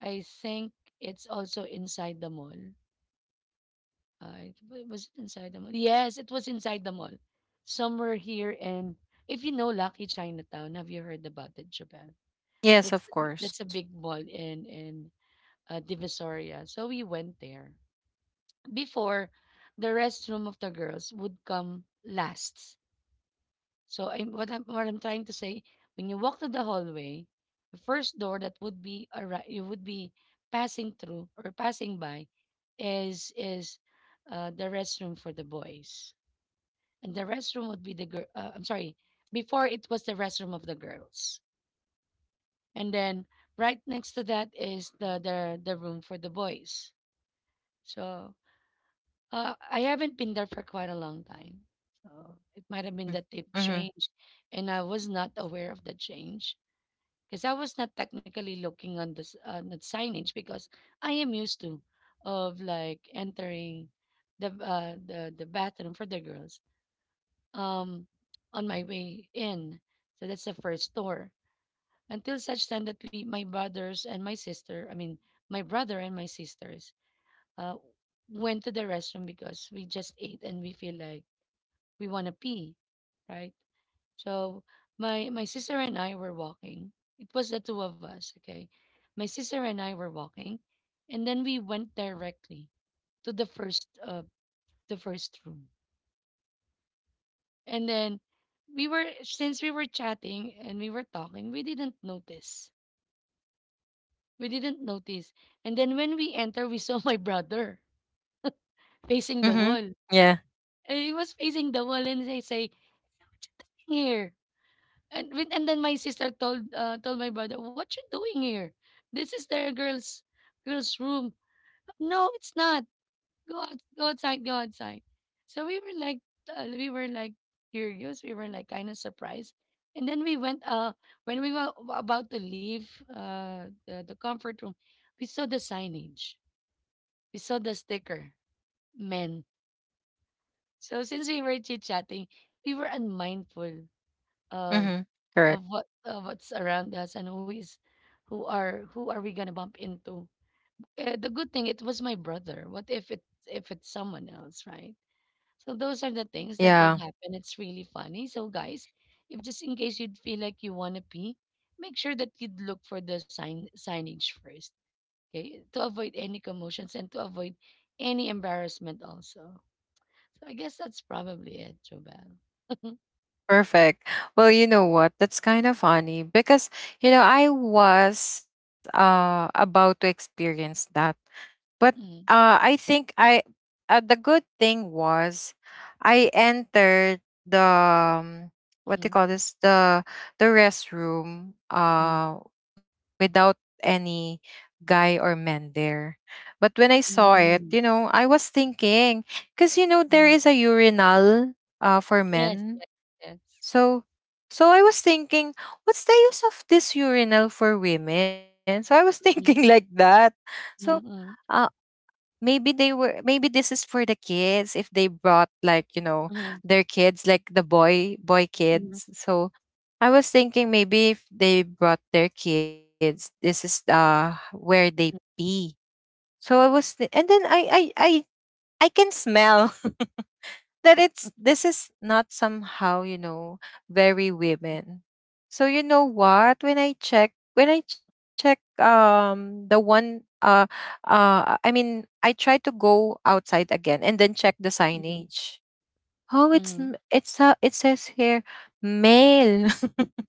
S2: I think, it's also inside the mall. I was it inside the mall? Yes, it was inside the mall. Somewhere here in, if you know Lucky Chinatown, have you heard about it, Japan?
S1: Yes,
S2: That's
S1: of
S2: that's a
S1: course.
S2: big mall in Divisoria. So we went there. Before, the restroom of the girls would come last. So I what I'm trying to say, when you walk to the hallway, the first door that would be arri- you would be passing through or passing by is the restroom for the boys and the restroom would be the girl. I'm sorry, before it was the restroom of the girls, and then right next to that is the room for the boys. So I haven't been there for quite a long time. So it might have been that they've
S1: Mm-hmm.
S2: changed, and I was not aware of the change because I was not technically looking on the signage because I am used to of like entering the bathroom for the girls um on my way in. So that's the first door. Until such time that we my brothers and my sister, I mean my brother and my sisters, uh went to the restroom because we just ate and we feel like we wanna pee, right? So my sister and I were walking. It was the two of us, okay? My sister and I were walking and then we went directly to the first room. And then we were since we were chatting and we were talking, we didn't notice. We didn't notice. And then when we enter, we saw my brother facing the
S1: Mm-hmm.
S2: wall.
S1: Yeah.
S2: And he was facing the wall and they say, "What you doing here?" And then my sister told told my brother, "What you doing here? This is their girl's room. No, it's not. Go out, go outside, go outside." So we were like curious. We were like kind of surprised. And then when we were about to leave the comfort room, we saw the signage. We saw the sticker, men. So since we were chit-chatting, we were unmindful of
S1: Mm-hmm. Correct.
S2: of what's around us and who are we gonna bump into. The good thing it was my brother. What if it if it's someone else, right? So those are the things that
S1: Yeah.
S2: did happen. It's really funny. So guys, if just in case you'd feel like you wanna pee, make sure that you'd look for the signage first, okay? To avoid any commotions and to avoid any embarrassment also. So I guess that's probably it, Jobel.
S1: Perfect. Well, you know what? That's kind of funny because, I was about to experience that. But
S2: Mhm,
S1: I think I the good thing was I entered the what do you
S2: mhm,
S1: call this? The restroom
S2: mhm, mhm,
S1: without any guy or men there. But when I saw it,
S2: mhm,
S1: I was thinking because there
S2: mhm.
S1: is a urinal for
S2: Yes,
S1: men.
S2: yes, yes.
S1: So I was thinking, what's the use of this urinal for women? So I was thinking like
S2: Mhm,
S1: that. So uh
S2: mhm,
S1: maybe they were maybe this is for the kids if they brought like,
S2: mhm,
S1: their kids, like the boy boy
S2: mhm,
S1: kids. So I was thinking maybe if they brought their kids, this is where they pee. So and then I can smell that it's this is not somehow very women. So you know what, when I check the one I mean I tried to go outside again and then check the
S2: mhm,
S1: signage. Oh,
S2: mhm,
S1: it's
S2: mhm.
S1: m- it's it says here male.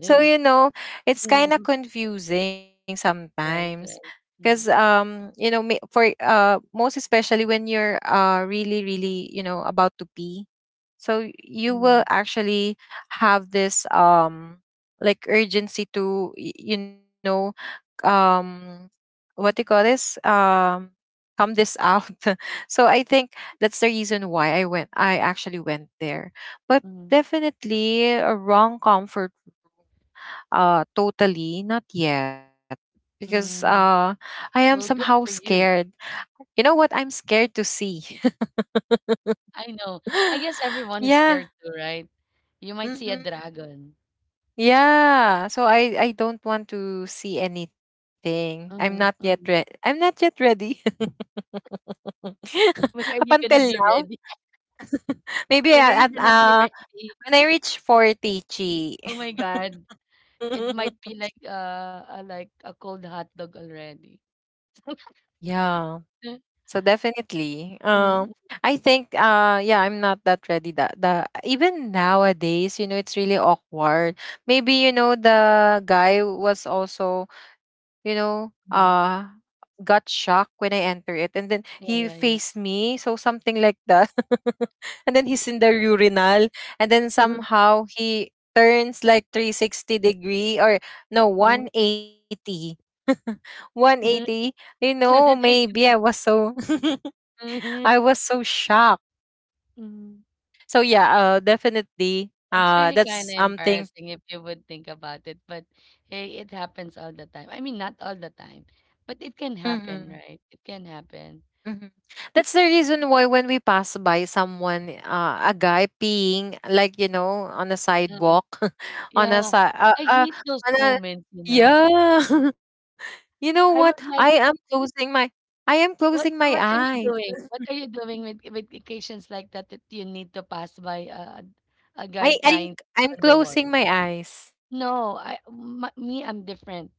S1: So it's kind of confusing sometimes
S2: Right, right.
S1: because
S2: Mhm,
S1: you know ma- for most especially when you're really really about to pee. So you
S2: mhm,
S1: will actually have this like urgency to um what do you call this come this out. So I think that's the reason why I actually went there, but
S2: mhm.
S1: definitely a wrong comfort, totally not yet, because
S2: Mm,
S1: I am
S2: well,
S1: somehow
S2: good for
S1: scared.
S2: you.
S1: You know what I'm scared to see.
S2: I know. I guess everyone is
S1: Yeah.
S2: scared too, right? You might see a
S1: Mhm.
S2: dragon.
S1: Yeah, so I don't want to see anything.
S2: Mm, mm.
S1: I'm not yet ready.
S2: When
S1: Up
S2: are you
S1: until
S2: gonna be
S1: now,
S2: ready?
S1: maybe
S2: When are you
S1: at, at
S2: gonna be
S1: uh
S2: ready?
S1: when I reach 40, chi.
S2: Oh my God. It might be like a cold hot dog already.
S1: Yeah. So definitely,
S2: Mm,
S1: I think, yeah, I'm not that ready. That the Even nowadays, it's really awkward. Maybe the guy was also, you know,
S2: mm,
S1: uh,
S2: mm.
S1: got shocked when I enter it, and then he
S2: Yeah, yeah,
S1: faced
S2: yeah.
S1: me, so something like that. And then he's in the urinal, and then
S2: Mhm,
S1: somehow he turns like 360 degree, or no,
S2: mhm,
S1: 180 180.
S2: mhm.
S1: You know,
S2: Another day
S1: maybe I
S2: to
S1: was
S2: think.
S1: so I
S2: Mhm,
S1: was so shocked.
S2: mhm.
S1: So yeah, definitely
S2: It's really kind
S1: that's
S2: of
S1: something.
S2: embarrassing if you would think about it, but hey, it happens all the time. I mean, not all the time, but it can
S1: Hmm.
S2: happen, right? It can happen.
S1: Hmm. That's the reason why when we pass by someone, a guy peeing, like on a
S2: Uh,
S1: sidewalk. on a
S2: yeah,
S1: side,
S2: I hate those
S1: on a,
S2: moments, you know.
S1: yeah. You know what?
S2: I would like,
S1: I am closing my
S2: what are
S1: eyes.
S2: you doing? What are you doing with occasions like that that you need to pass by a guy
S1: I, I
S2: trying
S1: I'm
S2: to
S1: I'm
S2: on the wall?
S1: closing my eyes.
S2: No, I'm different.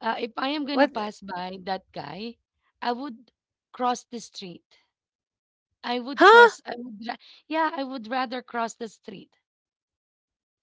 S2: If I
S1: What?
S2: am gonna pass by that guy, I would cross the street. I would
S1: Huh?
S2: cross I would ra Yeah, I would rather cross the street.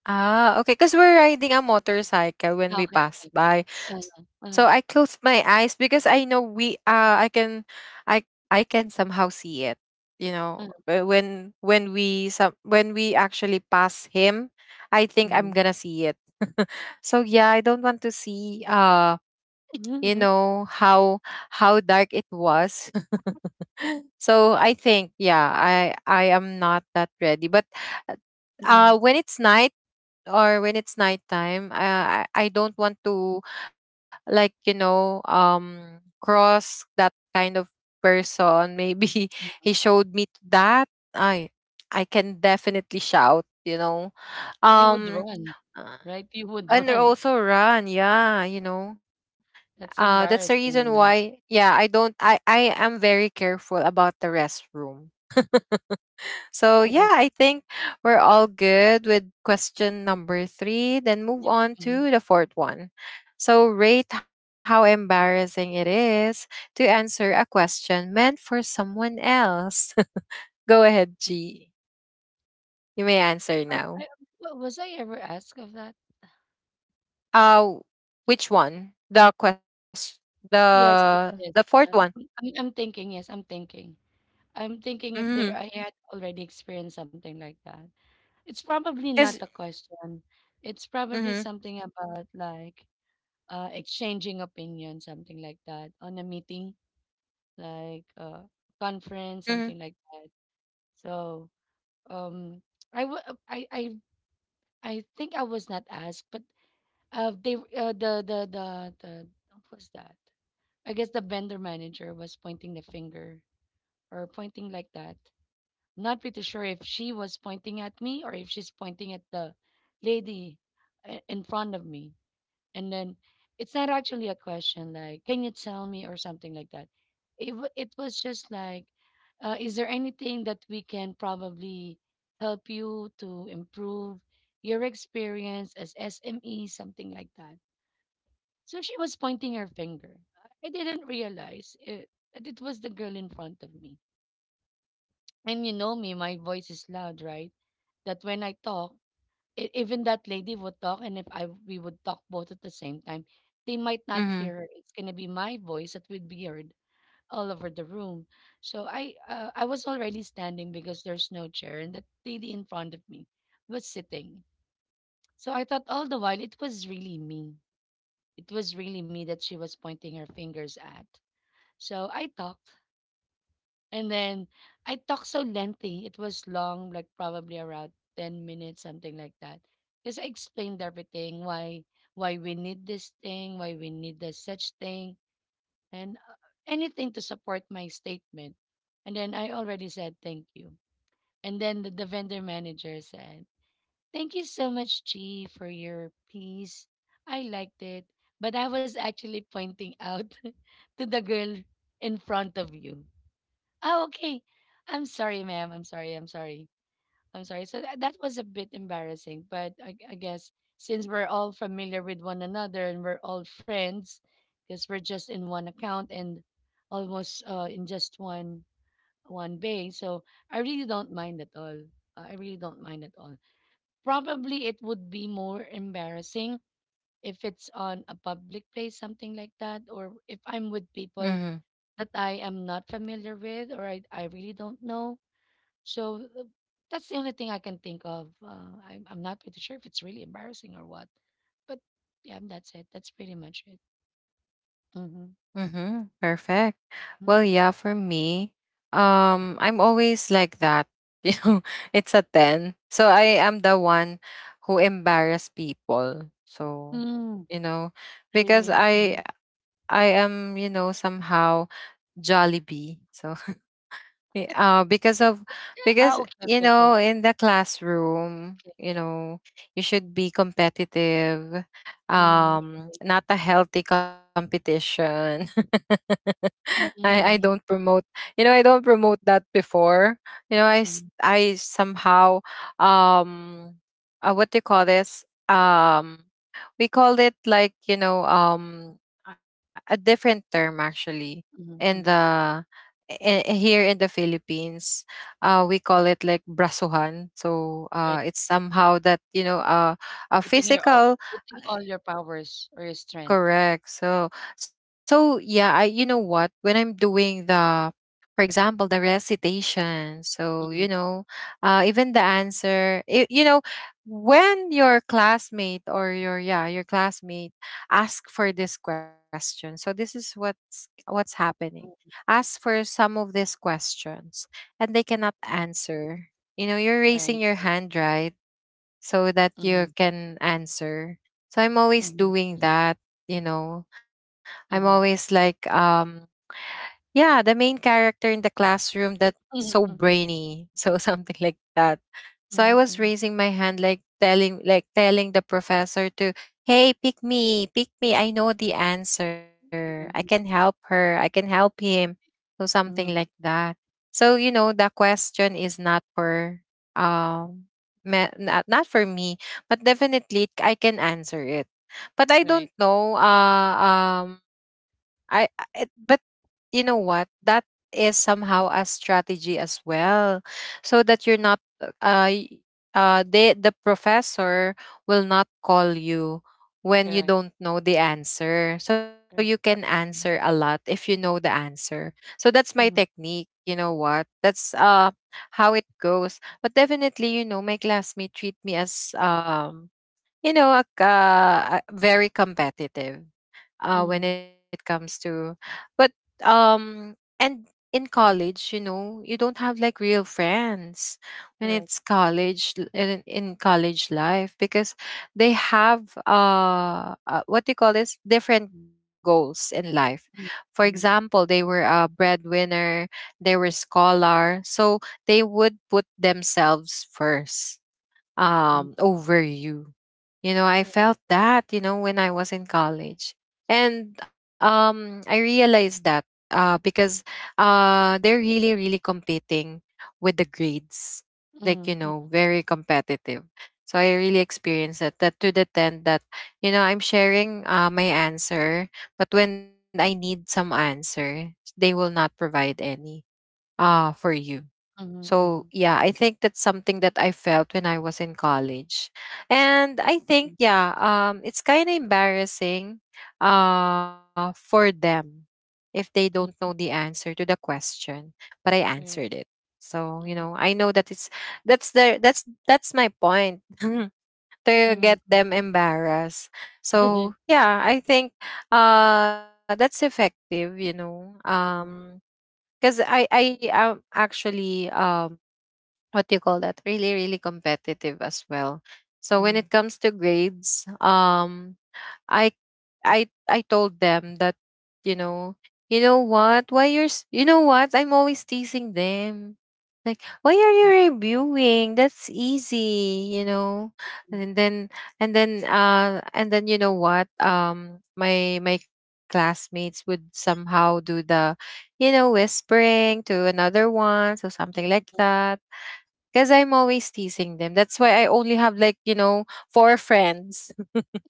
S1: Ah, okay. Because we're riding a motorcycle when we
S2: Okay, okay.
S1: pass by,
S2: Uh-huh,
S1: so
S2: uh-huh,
S1: I closed my eyes because I know we. I I can somehow see it. You know,
S2: uh-huh,
S1: when we some when we actually pass him, I think I'm
S2: mhm.
S1: gonna see it. So yeah, I don't want to see. You know
S2: Hmm.
S1: how dark it was. So I think yeah, I am not that ready, but when it's night or when it's nighttime, I don't want to like, cross that kind of person. Maybe he showed me that. I, I can definitely shout.
S2: You would
S1: Um,
S2: run,
S1: uh,
S2: right? You would
S1: and
S2: run.
S1: also run, yeah.
S2: That's
S1: That's the reason
S2: embarrassing, you
S1: why,
S2: know.
S1: yeah, I don't, I am very careful about the restroom. So yeah, I think we're all good with question number three. Then move
S2: Yep,
S1: on
S2: mhm.
S1: to the fourth one. So rate how embarrassing it is to answer a question meant for someone else. Go ahead, G. You may answer now.
S2: I wa Was I ever asked of that?
S1: Uh which one? The question, the
S2: Yes,
S1: the
S2: yes,
S1: fourth
S2: yes.
S1: one.
S2: No, I'm thinking, yes, I'm thinking. I'm thinking if
S1: Mm-hmm.
S2: there I had already experienced something like that. It's probably not
S1: Cause
S2: a question. It's probably
S1: mm-hmm.
S2: something about, like, exchanging opinions, something like that, on a meeting, like
S1: Mm-hmm.
S2: conference, something like that. So um, I, w- uh, I, I, I think I was not asked, but what was that? I guess the vendor manager was pointing the finger or pointing like that. Not pretty sure if she was pointing at me or if she's pointing at the lady in front of me. And then it's not actually a question, like can you tell me or something like that. It was just like is there anything that we can probably help you to improve your experience as sme something like that. So she was pointing her finger. I didn't realize it, that it was the girl in front of me. And you know me, my voice is loud, right? That when I talk, E even that lady would talk, and if I we would talk both at the same time, they might
S1: Mm-hmm.
S2: not hear her. It's gonna be my voice that would be heard all over the room. So I was already standing because there's no chair, and that lady in front of me was sitting. So I thought all the while it was really me. It was really me that she was pointing her fingers at. So I talked. And then I talked so lengthy. It was long, like probably around 10 minutes, something like that. Because I explained everything, why we need this thing, why we need this such thing, and anything to support my statement. And then I already said thank you. And then the vendor manager said, "Thank you so much, G, for your piece. I liked it. But I was actually pointing out to the girl in front of you." Oh, okay. I'm sorry, ma'am. I'm sorry. I'm sorry. I'm sorry. So that was a bit embarrassing, but I guess since we're all familiar with one another and we're all friends, because we're just in one account and almost in just one bay, so I really don't mind at all. I really don't mind at all. Probably it would be more embarrassing if it's on a public place, something like that, or if I'm with
S1: Mm-hmm.
S2: people that I am not familiar with or I really don't know, so that's the only thing I can think of. I'm not pretty sure if it's really embarrassing or what, but yeah, that's it. That's pretty much it. Mm-hmm.
S1: Mm-hmm. Perfect. Well, yeah, for me, I'm always like that. You know, it's a 10. So I am the one who embarrass people. So,
S2: Mm,
S1: you know, because
S2: Really?
S1: I am, somehow Jollibee. So yeah, because of
S2: Yeah,
S1: because
S2: ah, okay, okay, okay, okay.
S1: in the classroom
S2: Okay.
S1: you should be competitive,
S2: Mm,
S1: not a healthy competition. I don't
S2: mm-hmm,
S1: promote, I don't promote that before. you know i s-
S2: mm-hmm,
S1: i somehow, um what do you call this, we call it like, a different term actually, in
S2: mm-hmm, mm-hmm.
S1: the, here in the Philippines, we call it like brasuhan. So
S2: Right.
S1: it's
S2: Mm.
S1: somehow that, a
S2: Putting your all,
S1: physical.
S2: putting all your powers or your strength.
S1: Correct. So, yeah, I you know what? When I'm doing the, for example, the recitation, so
S2: Mm-hmm.
S1: even the answer, when your classmate or your classmate ask for this question, so this is what's happening. Ask for some of these questions, and they cannot answer. You're
S2: Right.
S1: raising your
S2: Right.
S1: hand, right? So that
S2: Mm-hmm.
S1: you can answer. So I'm always
S2: Mm-hmm.
S1: doing that, you know. I'm always
S2: Mm-hmm.
S1: like, yeah, the main character in the classroom that's so
S2: Mm-hmm.
S1: brainy. So something like that. So I was
S2: Mm-hmm.
S1: raising my hand, like telling the professor to, "Hey, pick me, pick me. I know the answer. I can
S2: Mm-hmm.
S1: help her. I can help him." So something like
S2: Mm-hmm.
S1: that. So the question is not for um me, not for me, but definitely I can answer it. But I
S2: Right.
S1: don't know but you know what? That is somehow a strategy as well, so that you're not uh, y- the professor will not call you when you
S2: Correct.
S1: don't know the answer, so you can answer a lot
S2: Correct.
S1: if you know the answer. So that's my
S2: Mhm,
S1: technique. You know what, that's how it goes. But definitely my classmate treat me as, a, very competitive, when
S2: mhm,
S1: it comes to. But um and in college, you don't have like real friends when
S2: correct.
S1: it's
S2: Mm,
S1: college l- in, in college life because they have what do you call this, different goals in life. For
S2: mhm,
S1: example, they were a breadwinner, they were scholar, so they would put themselves first,
S2: mhm,
S1: over you. You know I
S2: right,
S1: felt
S2: right.
S1: that, when I was in college. And I realized that, because they're really really competing with the grades, like
S2: Mhm, mm,
S1: very competitive. So I really experienced that, that to the tent that, I'm sharing, my answer, but when I need some answer, they will not provide any for you.
S2: mhm,
S1: So,
S2: mhm,
S1: yeah, I think that's something that I felt when I was in college. And I think,
S2: mm,
S1: yeah, it's kind of embarrassing, for them, if they don't know the
S2: hmm.
S1: answer to the question, but I answered
S2: Right,
S1: it. So,
S2: mm,
S1: I know that it's that's the that's my point. To get
S2: mhm,
S1: them embarrassed. So,
S2: mhm,
S1: yeah, I think that's effective.
S2: mhm,
S1: Because I am actually, what do you call that, really really competitive as well. So when it
S2: mhm,
S1: comes to grades, i I told them that, you know what, you know what, I'm always teasing them, like why are
S2: mhm,
S1: you reviewing, that's easy. and then and then you know what my classmates would somehow do the, whispering to another one, so something like that, because I'm always teasing them. That's why I only have, like, four friends.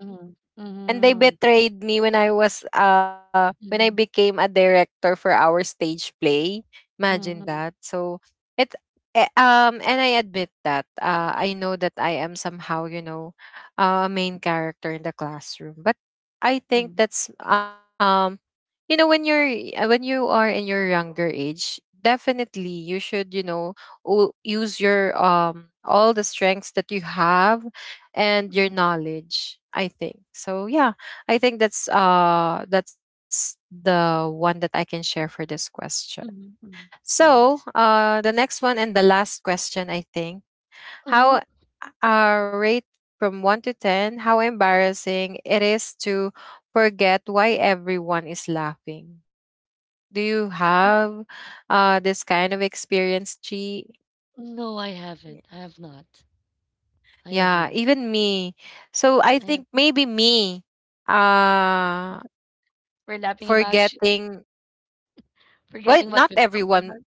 S2: mhm, mhm, mhm,
S1: And they
S2: mhm,
S1: betrayed me when I was when I became a director for our stage play. Imagine that.
S2: mhm,
S1: So it and I admit that I know that I am, somehow, a main character in the classroom. But I think
S2: mhm,
S1: that's you know, when you're when you are in your younger age, definitely you should, you know, use your all the strengths that you have and your knowledge, I think. So yeah, I think that's the one that I can share for this question.
S2: mhm, mhm.
S1: So
S2: Nice.
S1: the next one and the last question, I think.
S2: Mhm.
S1: How rate from 1 to 10 how embarrassing it is to forget why everyone is laughing. Do you have this kind of experience, Chi?
S2: No, I haven't. I have not. I have
S1: Yeah,
S2: not.
S1: even me. So I
S2: I have.
S1: think maybe me uh
S2: We're laughing about
S1: forgetting,
S2: you,
S1: well, not
S2: forgetting what we
S1: everyone,
S2: talked about.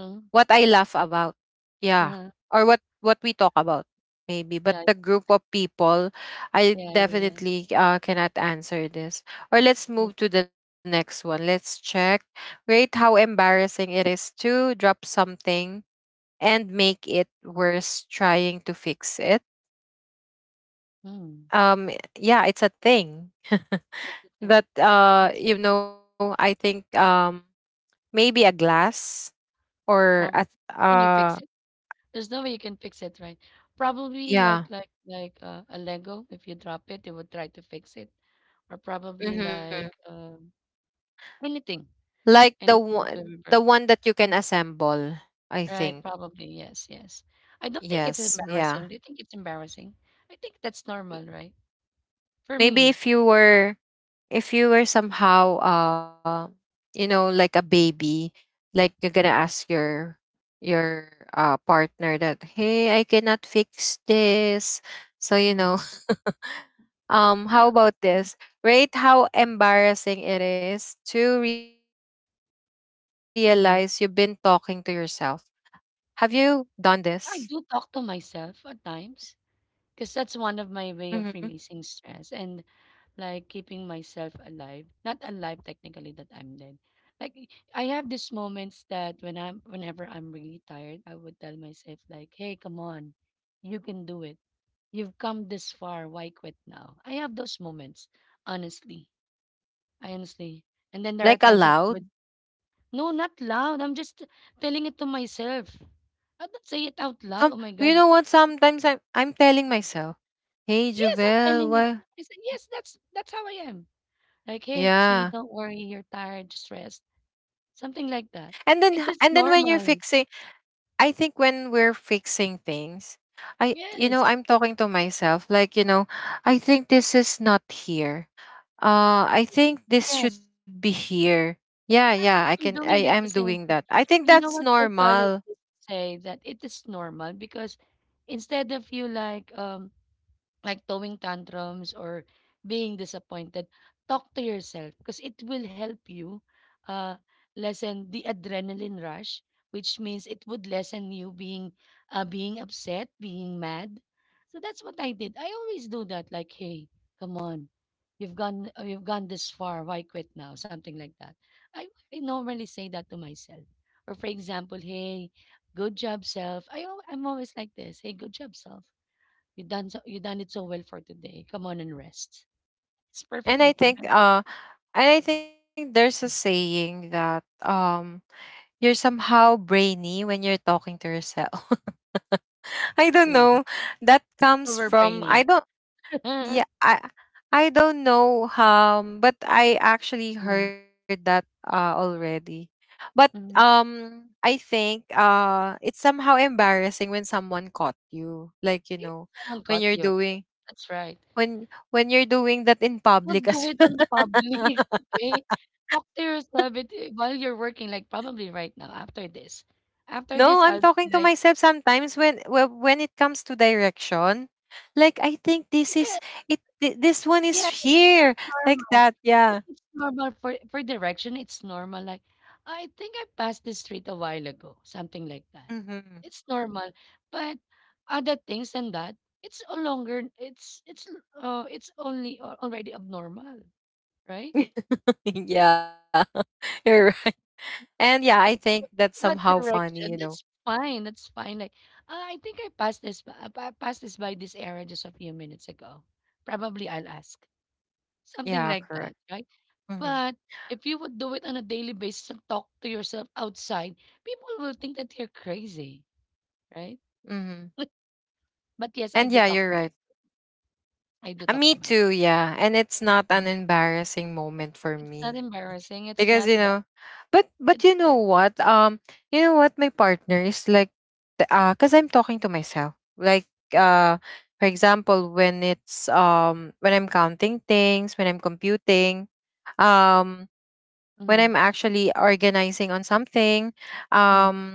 S1: what I laugh about. Yeah.
S2: Uh-huh.
S1: Or what we talk about maybe, but
S2: Yeah,
S1: the group of people, I
S2: yeah, yeah.
S1: definitely,
S2: That's right.
S1: cannot answer this. Or let's
S2: Me
S1: move to the
S2: too.
S1: next one. Let's check, rate how embarrassing it is to drop something and make it worse trying to fix it.
S2: Mm.
S1: Um yeah, it's a thing.
S2: That's the thing.
S1: That you know, I think, maybe a glass or
S2: Probably.
S1: a
S2: Can you fix it? There's no way you can fix it, right? Probably like like
S1: yeah.
S2: like uh, a Lego. If you drop it, it would try to fix it, or probably like
S1: Hmm.
S2: anything,
S1: Like the
S2: anything that will be
S1: one,
S2: broken.
S1: that you
S2: Mhm.
S1: can assemble, I
S2: Right?
S1: think.
S2: Probably yes, yes. I don't think it's
S1: Yes,
S2: embarrassing.
S1: yeah.
S2: Do you think it's embarrassing? I think that's normal,
S1: Y-
S2: right? For
S1: Maybe
S2: me.
S1: if you were, if you were somehow, you know, like a baby. Like, you're gonna ask your, partner that, hey, I cannot fix this, so you know.
S2: Mm-hmm.
S1: How
S2: Yeah.
S1: about this? Rate how embarrassing it is to realize you've been talking to yourself.
S2: Mm-hmm.
S1: Have you done this?
S2: I do talk to myself at times because that's one of
S1: Hmm.
S2: my way of releasing stress. And like keeping myself alive, not alive technically, that I'm dead. Like, I have these moments that when I'm whenever I'm really tired, I would tell myself, like, "Hey, come on, you can do it. You've come this far, why quit now?" I have those moments, honestly. I honestly And then there are
S1: Like,
S2: times that I
S1: aloud?
S2: would. No, not loud, I'm just telling it to myself. I don't say it out loud, oh
S1: Some,
S2: my God.
S1: you know what? Sometimes I'm telling myself, "Hey,
S2: Yes, I'm telling
S1: Jovel,
S2: it.
S1: why?"
S2: I said, yes, that's how I am. Like, "Hey, Chi,
S1: Yeah,
S2: don't worry, you're tired, just rest." Something like
S1: and
S2: that.
S1: then,
S2: It is
S1: when you're
S2: normal.
S1: fixing, I think when we're fixing things, I, you know,
S2: Yes,
S1: I'm talking to myself like, I think this is not here. I think this should
S2: yes.
S1: be here. Yeah, yeah, I
S2: I,
S1: can,
S2: I'm
S1: I am
S2: doing that the
S1: doing that.
S2: same thing.
S1: I think that's
S2: You know what
S1: normal.
S2: psychologists say? That it is normal, because instead of you, like, like throwing tantrums or being disappointed, talk to yourself, because it will help you uh, lessen the adrenaline rush, which means it would lessen you being, being upset, being mad. So that's what I did. I always do that. Like, "Hey, come on, you've gone, you've gone this far. Why quit now?" Something like that. I, I normally say that to myself. Or, for example, "Hey, good job, self." I'm always like this. "Hey, good job, self, you done so, you done it so well for today. Come on and rest." It's
S1: And I
S2: perfectly fine.
S1: think
S2: I don't
S1: uh
S2: see it
S1: and I think there's a saying that you're somehow brainy when you're talking to yourself. I don't
S2: really
S1: know. That comes from,
S2: overbraining.
S1: I don't. Yeah, I don't know, but I actually
S2: mm
S1: heard that already. But
S2: mm.
S1: I think it's somehow embarrassing when someone caught you. Like, you
S2: If
S1: know,
S2: someone
S1: when
S2: caught
S1: you're
S2: you, okay.
S1: doing,
S2: That's right.
S1: when you're doing that in
S2: Don't
S1: public
S2: do
S1: as
S2: it on public, okay? Talk to yourself it, eh, while you're working, like probably right now after this.
S1: No,
S2: After
S1: I'm
S2: this, I'll
S1: talking to
S2: be like,
S1: myself sometimes when when it comes to direction. Like, I think this is it, this one is
S2: yeah, that's
S1: here, like
S2: normal.
S1: that.
S2: If
S1: Yeah.
S2: it's normal for direction, it's normal. Like, I think I passed this street a while ago, something like that.
S1: Mhm.
S2: It's normal. But other things than that, it's no longer. It's it's only, already abnormal, right?
S1: Yeah. You're. And yeah, I think that's somehow
S2: But
S1: funny, you
S2: direction,
S1: know.
S2: that's fine. That's fine. Like, "Ah, I think I passed this. I passed this by this area just a few minutes ago. Probably I'll ask," something
S1: Yeah,
S2: like
S1: correct.
S2: that, right?
S1: Hmm.
S2: But if you would do it on a daily basis and talk to yourself outside, people will think that you're crazy, right?
S1: Hmm.
S2: But yes,
S1: And
S2: I
S1: yeah,
S2: do talk
S1: you're
S2: to
S1: right.
S2: myself. I do talk
S1: Me
S2: to myself.
S1: too. Yeah, and it's not an
S2: Mhm.
S1: embarrassing moment for
S2: It's
S1: me
S2: not
S1: because,
S2: embarrassing.
S1: you
S2: It's
S1: know,
S2: not bad.
S1: but, you know
S2: It's good.
S1: what? You know what? My partner is like, cause I'm talking to myself. Like, uh, for example, when it's, when I'm counting things, when I'm computing, um, when I'm
S2: Mhm,
S1: actually organizing on something,
S2: mhm,
S1: um,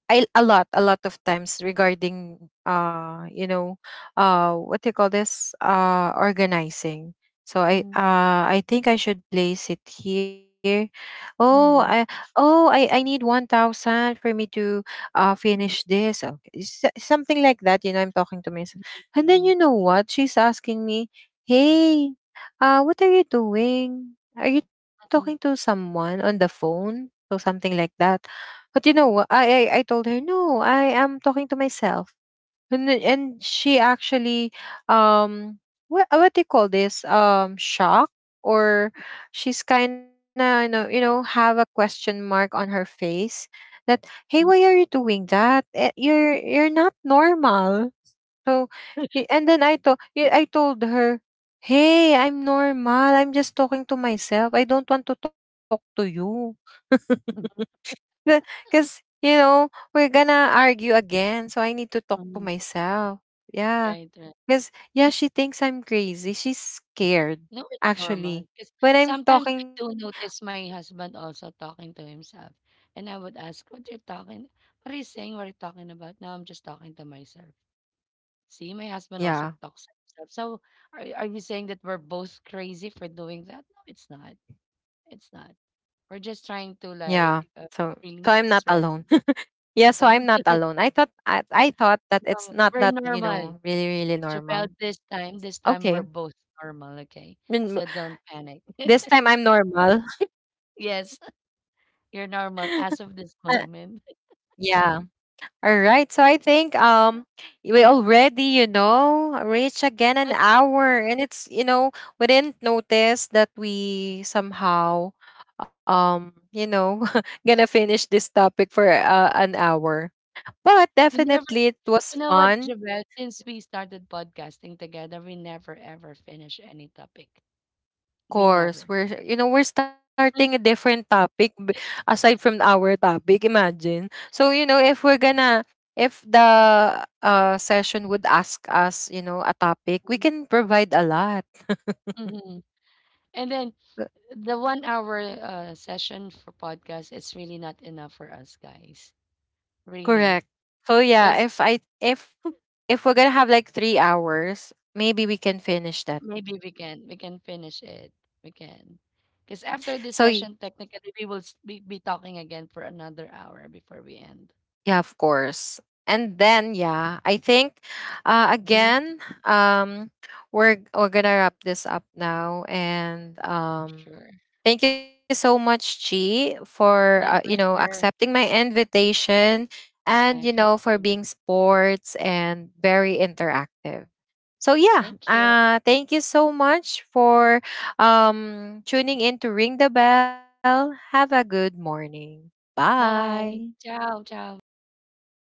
S1: I a lot of times regarding, you know, what do you call this? Uh, organizing. So I,
S2: mhm,
S1: I think I should place it here. Oh I
S2: mhm,
S1: oh, I need 1,000 for me to finish
S2: mhm,
S1: this. Okay. Something like that, you know, I'm talking to myself. And then,
S2: mhm,
S1: you know what? She's asking me, hey, what are you doing? Are you talking to
S2: mhm,
S1: someone on the phone? So something like that. But you know, I told her, "No, I am talking to myself." And she actually, um what, do you call this? Um, shock. Or she's kind of, you know, you know, have a question mark on her face. That, hey, why
S2: mhm,
S1: are you doing that? Eh, you're not normal. So and then, I told her, hey, I'm normal, I'm just talking to myself, I don't want to talk to you
S2: mhm,
S1: because, you know, we're gonna argue again. So I need to talk to
S2: mhm.
S1: myself. Yeah.
S2: Right, right.
S1: Because, yeah, she thinks I'm crazy. She's scared,
S2: No, it's normal.
S1: actually.
S2: Because
S1: When I'm
S2: sometimes I
S1: talking,
S2: do notice my husband also talking to himself. And I would ask, "What are you talking? What are you saying? What are you talking about?" "Now I'm just talking to myself." See, my husband
S1: yeah,
S2: also talks to himself. So, are you saying that we're both crazy for doing that? No, it's not. It's not.
S1: yeah.
S2: We're
S1: So,
S2: just
S1: so
S2: trying
S1: I'm
S2: to,
S1: not
S2: like,
S1: alone.
S2: release
S1: Yeah,
S2: the
S1: so I'm
S2: stress.
S1: not alone. I thought,
S2: And
S1: I thought that it's not that, you know,
S2: we're
S1: really, really
S2: normal.
S1: normal.
S2: Jabel,
S1: Okay.
S2: this time we're both normal,
S1: Then,
S2: okay? So don't
S1: this
S2: panic.
S1: time I'm normal.
S2: Yes, you're normal as of
S1: Uh,
S2: this moment.
S1: yeah. All right. So I think
S2: Um,
S1: we already, you know, reach again an hour and it's, you know, we didn't notice that we somehow, you know, gonna finish this topic for, an hour. But
S2: We never,
S1: definitely it was
S2: you know what,
S1: fun.
S2: Jabel, since we started podcasting together, we never ever finish any topic. We never.
S1: Course, we're, you know, we're starting a different topic, aside from our topic. Imagine. So you know, if we're gonna, if the, session would ask us, you know, a topic, we can provide a lot.
S2: Mhm. And then
S1: C-
S2: the 1 hour session for podcast is really not enough for us guys,
S1: Correct.
S2: really,
S1: So yeah, if
S2: because
S1: I, if we're gonna have like 3 hours, maybe we can finish that.
S2: maybe we can finish it. We can, because after this
S1: So
S2: session technically we will be talking again for another hour before we end.
S1: yeah, of course. And then yeah, I think,
S2: Mhm.
S1: again, um, we're gonna wrap this up now, and um,
S2: Sure.
S1: thank you so much, Chi, for,
S2: My
S1: you know,
S2: pleasure.
S1: accepting my invitation and,
S2: My
S1: you know, for
S2: pleasure.
S1: being sports and very interactive. So yeah,
S2: Thank you.
S1: thank you so much for, um, tuning in to Ring the Bell. Have a good morning. Bye.
S2: Bye, ciao ciao, baby. Bye.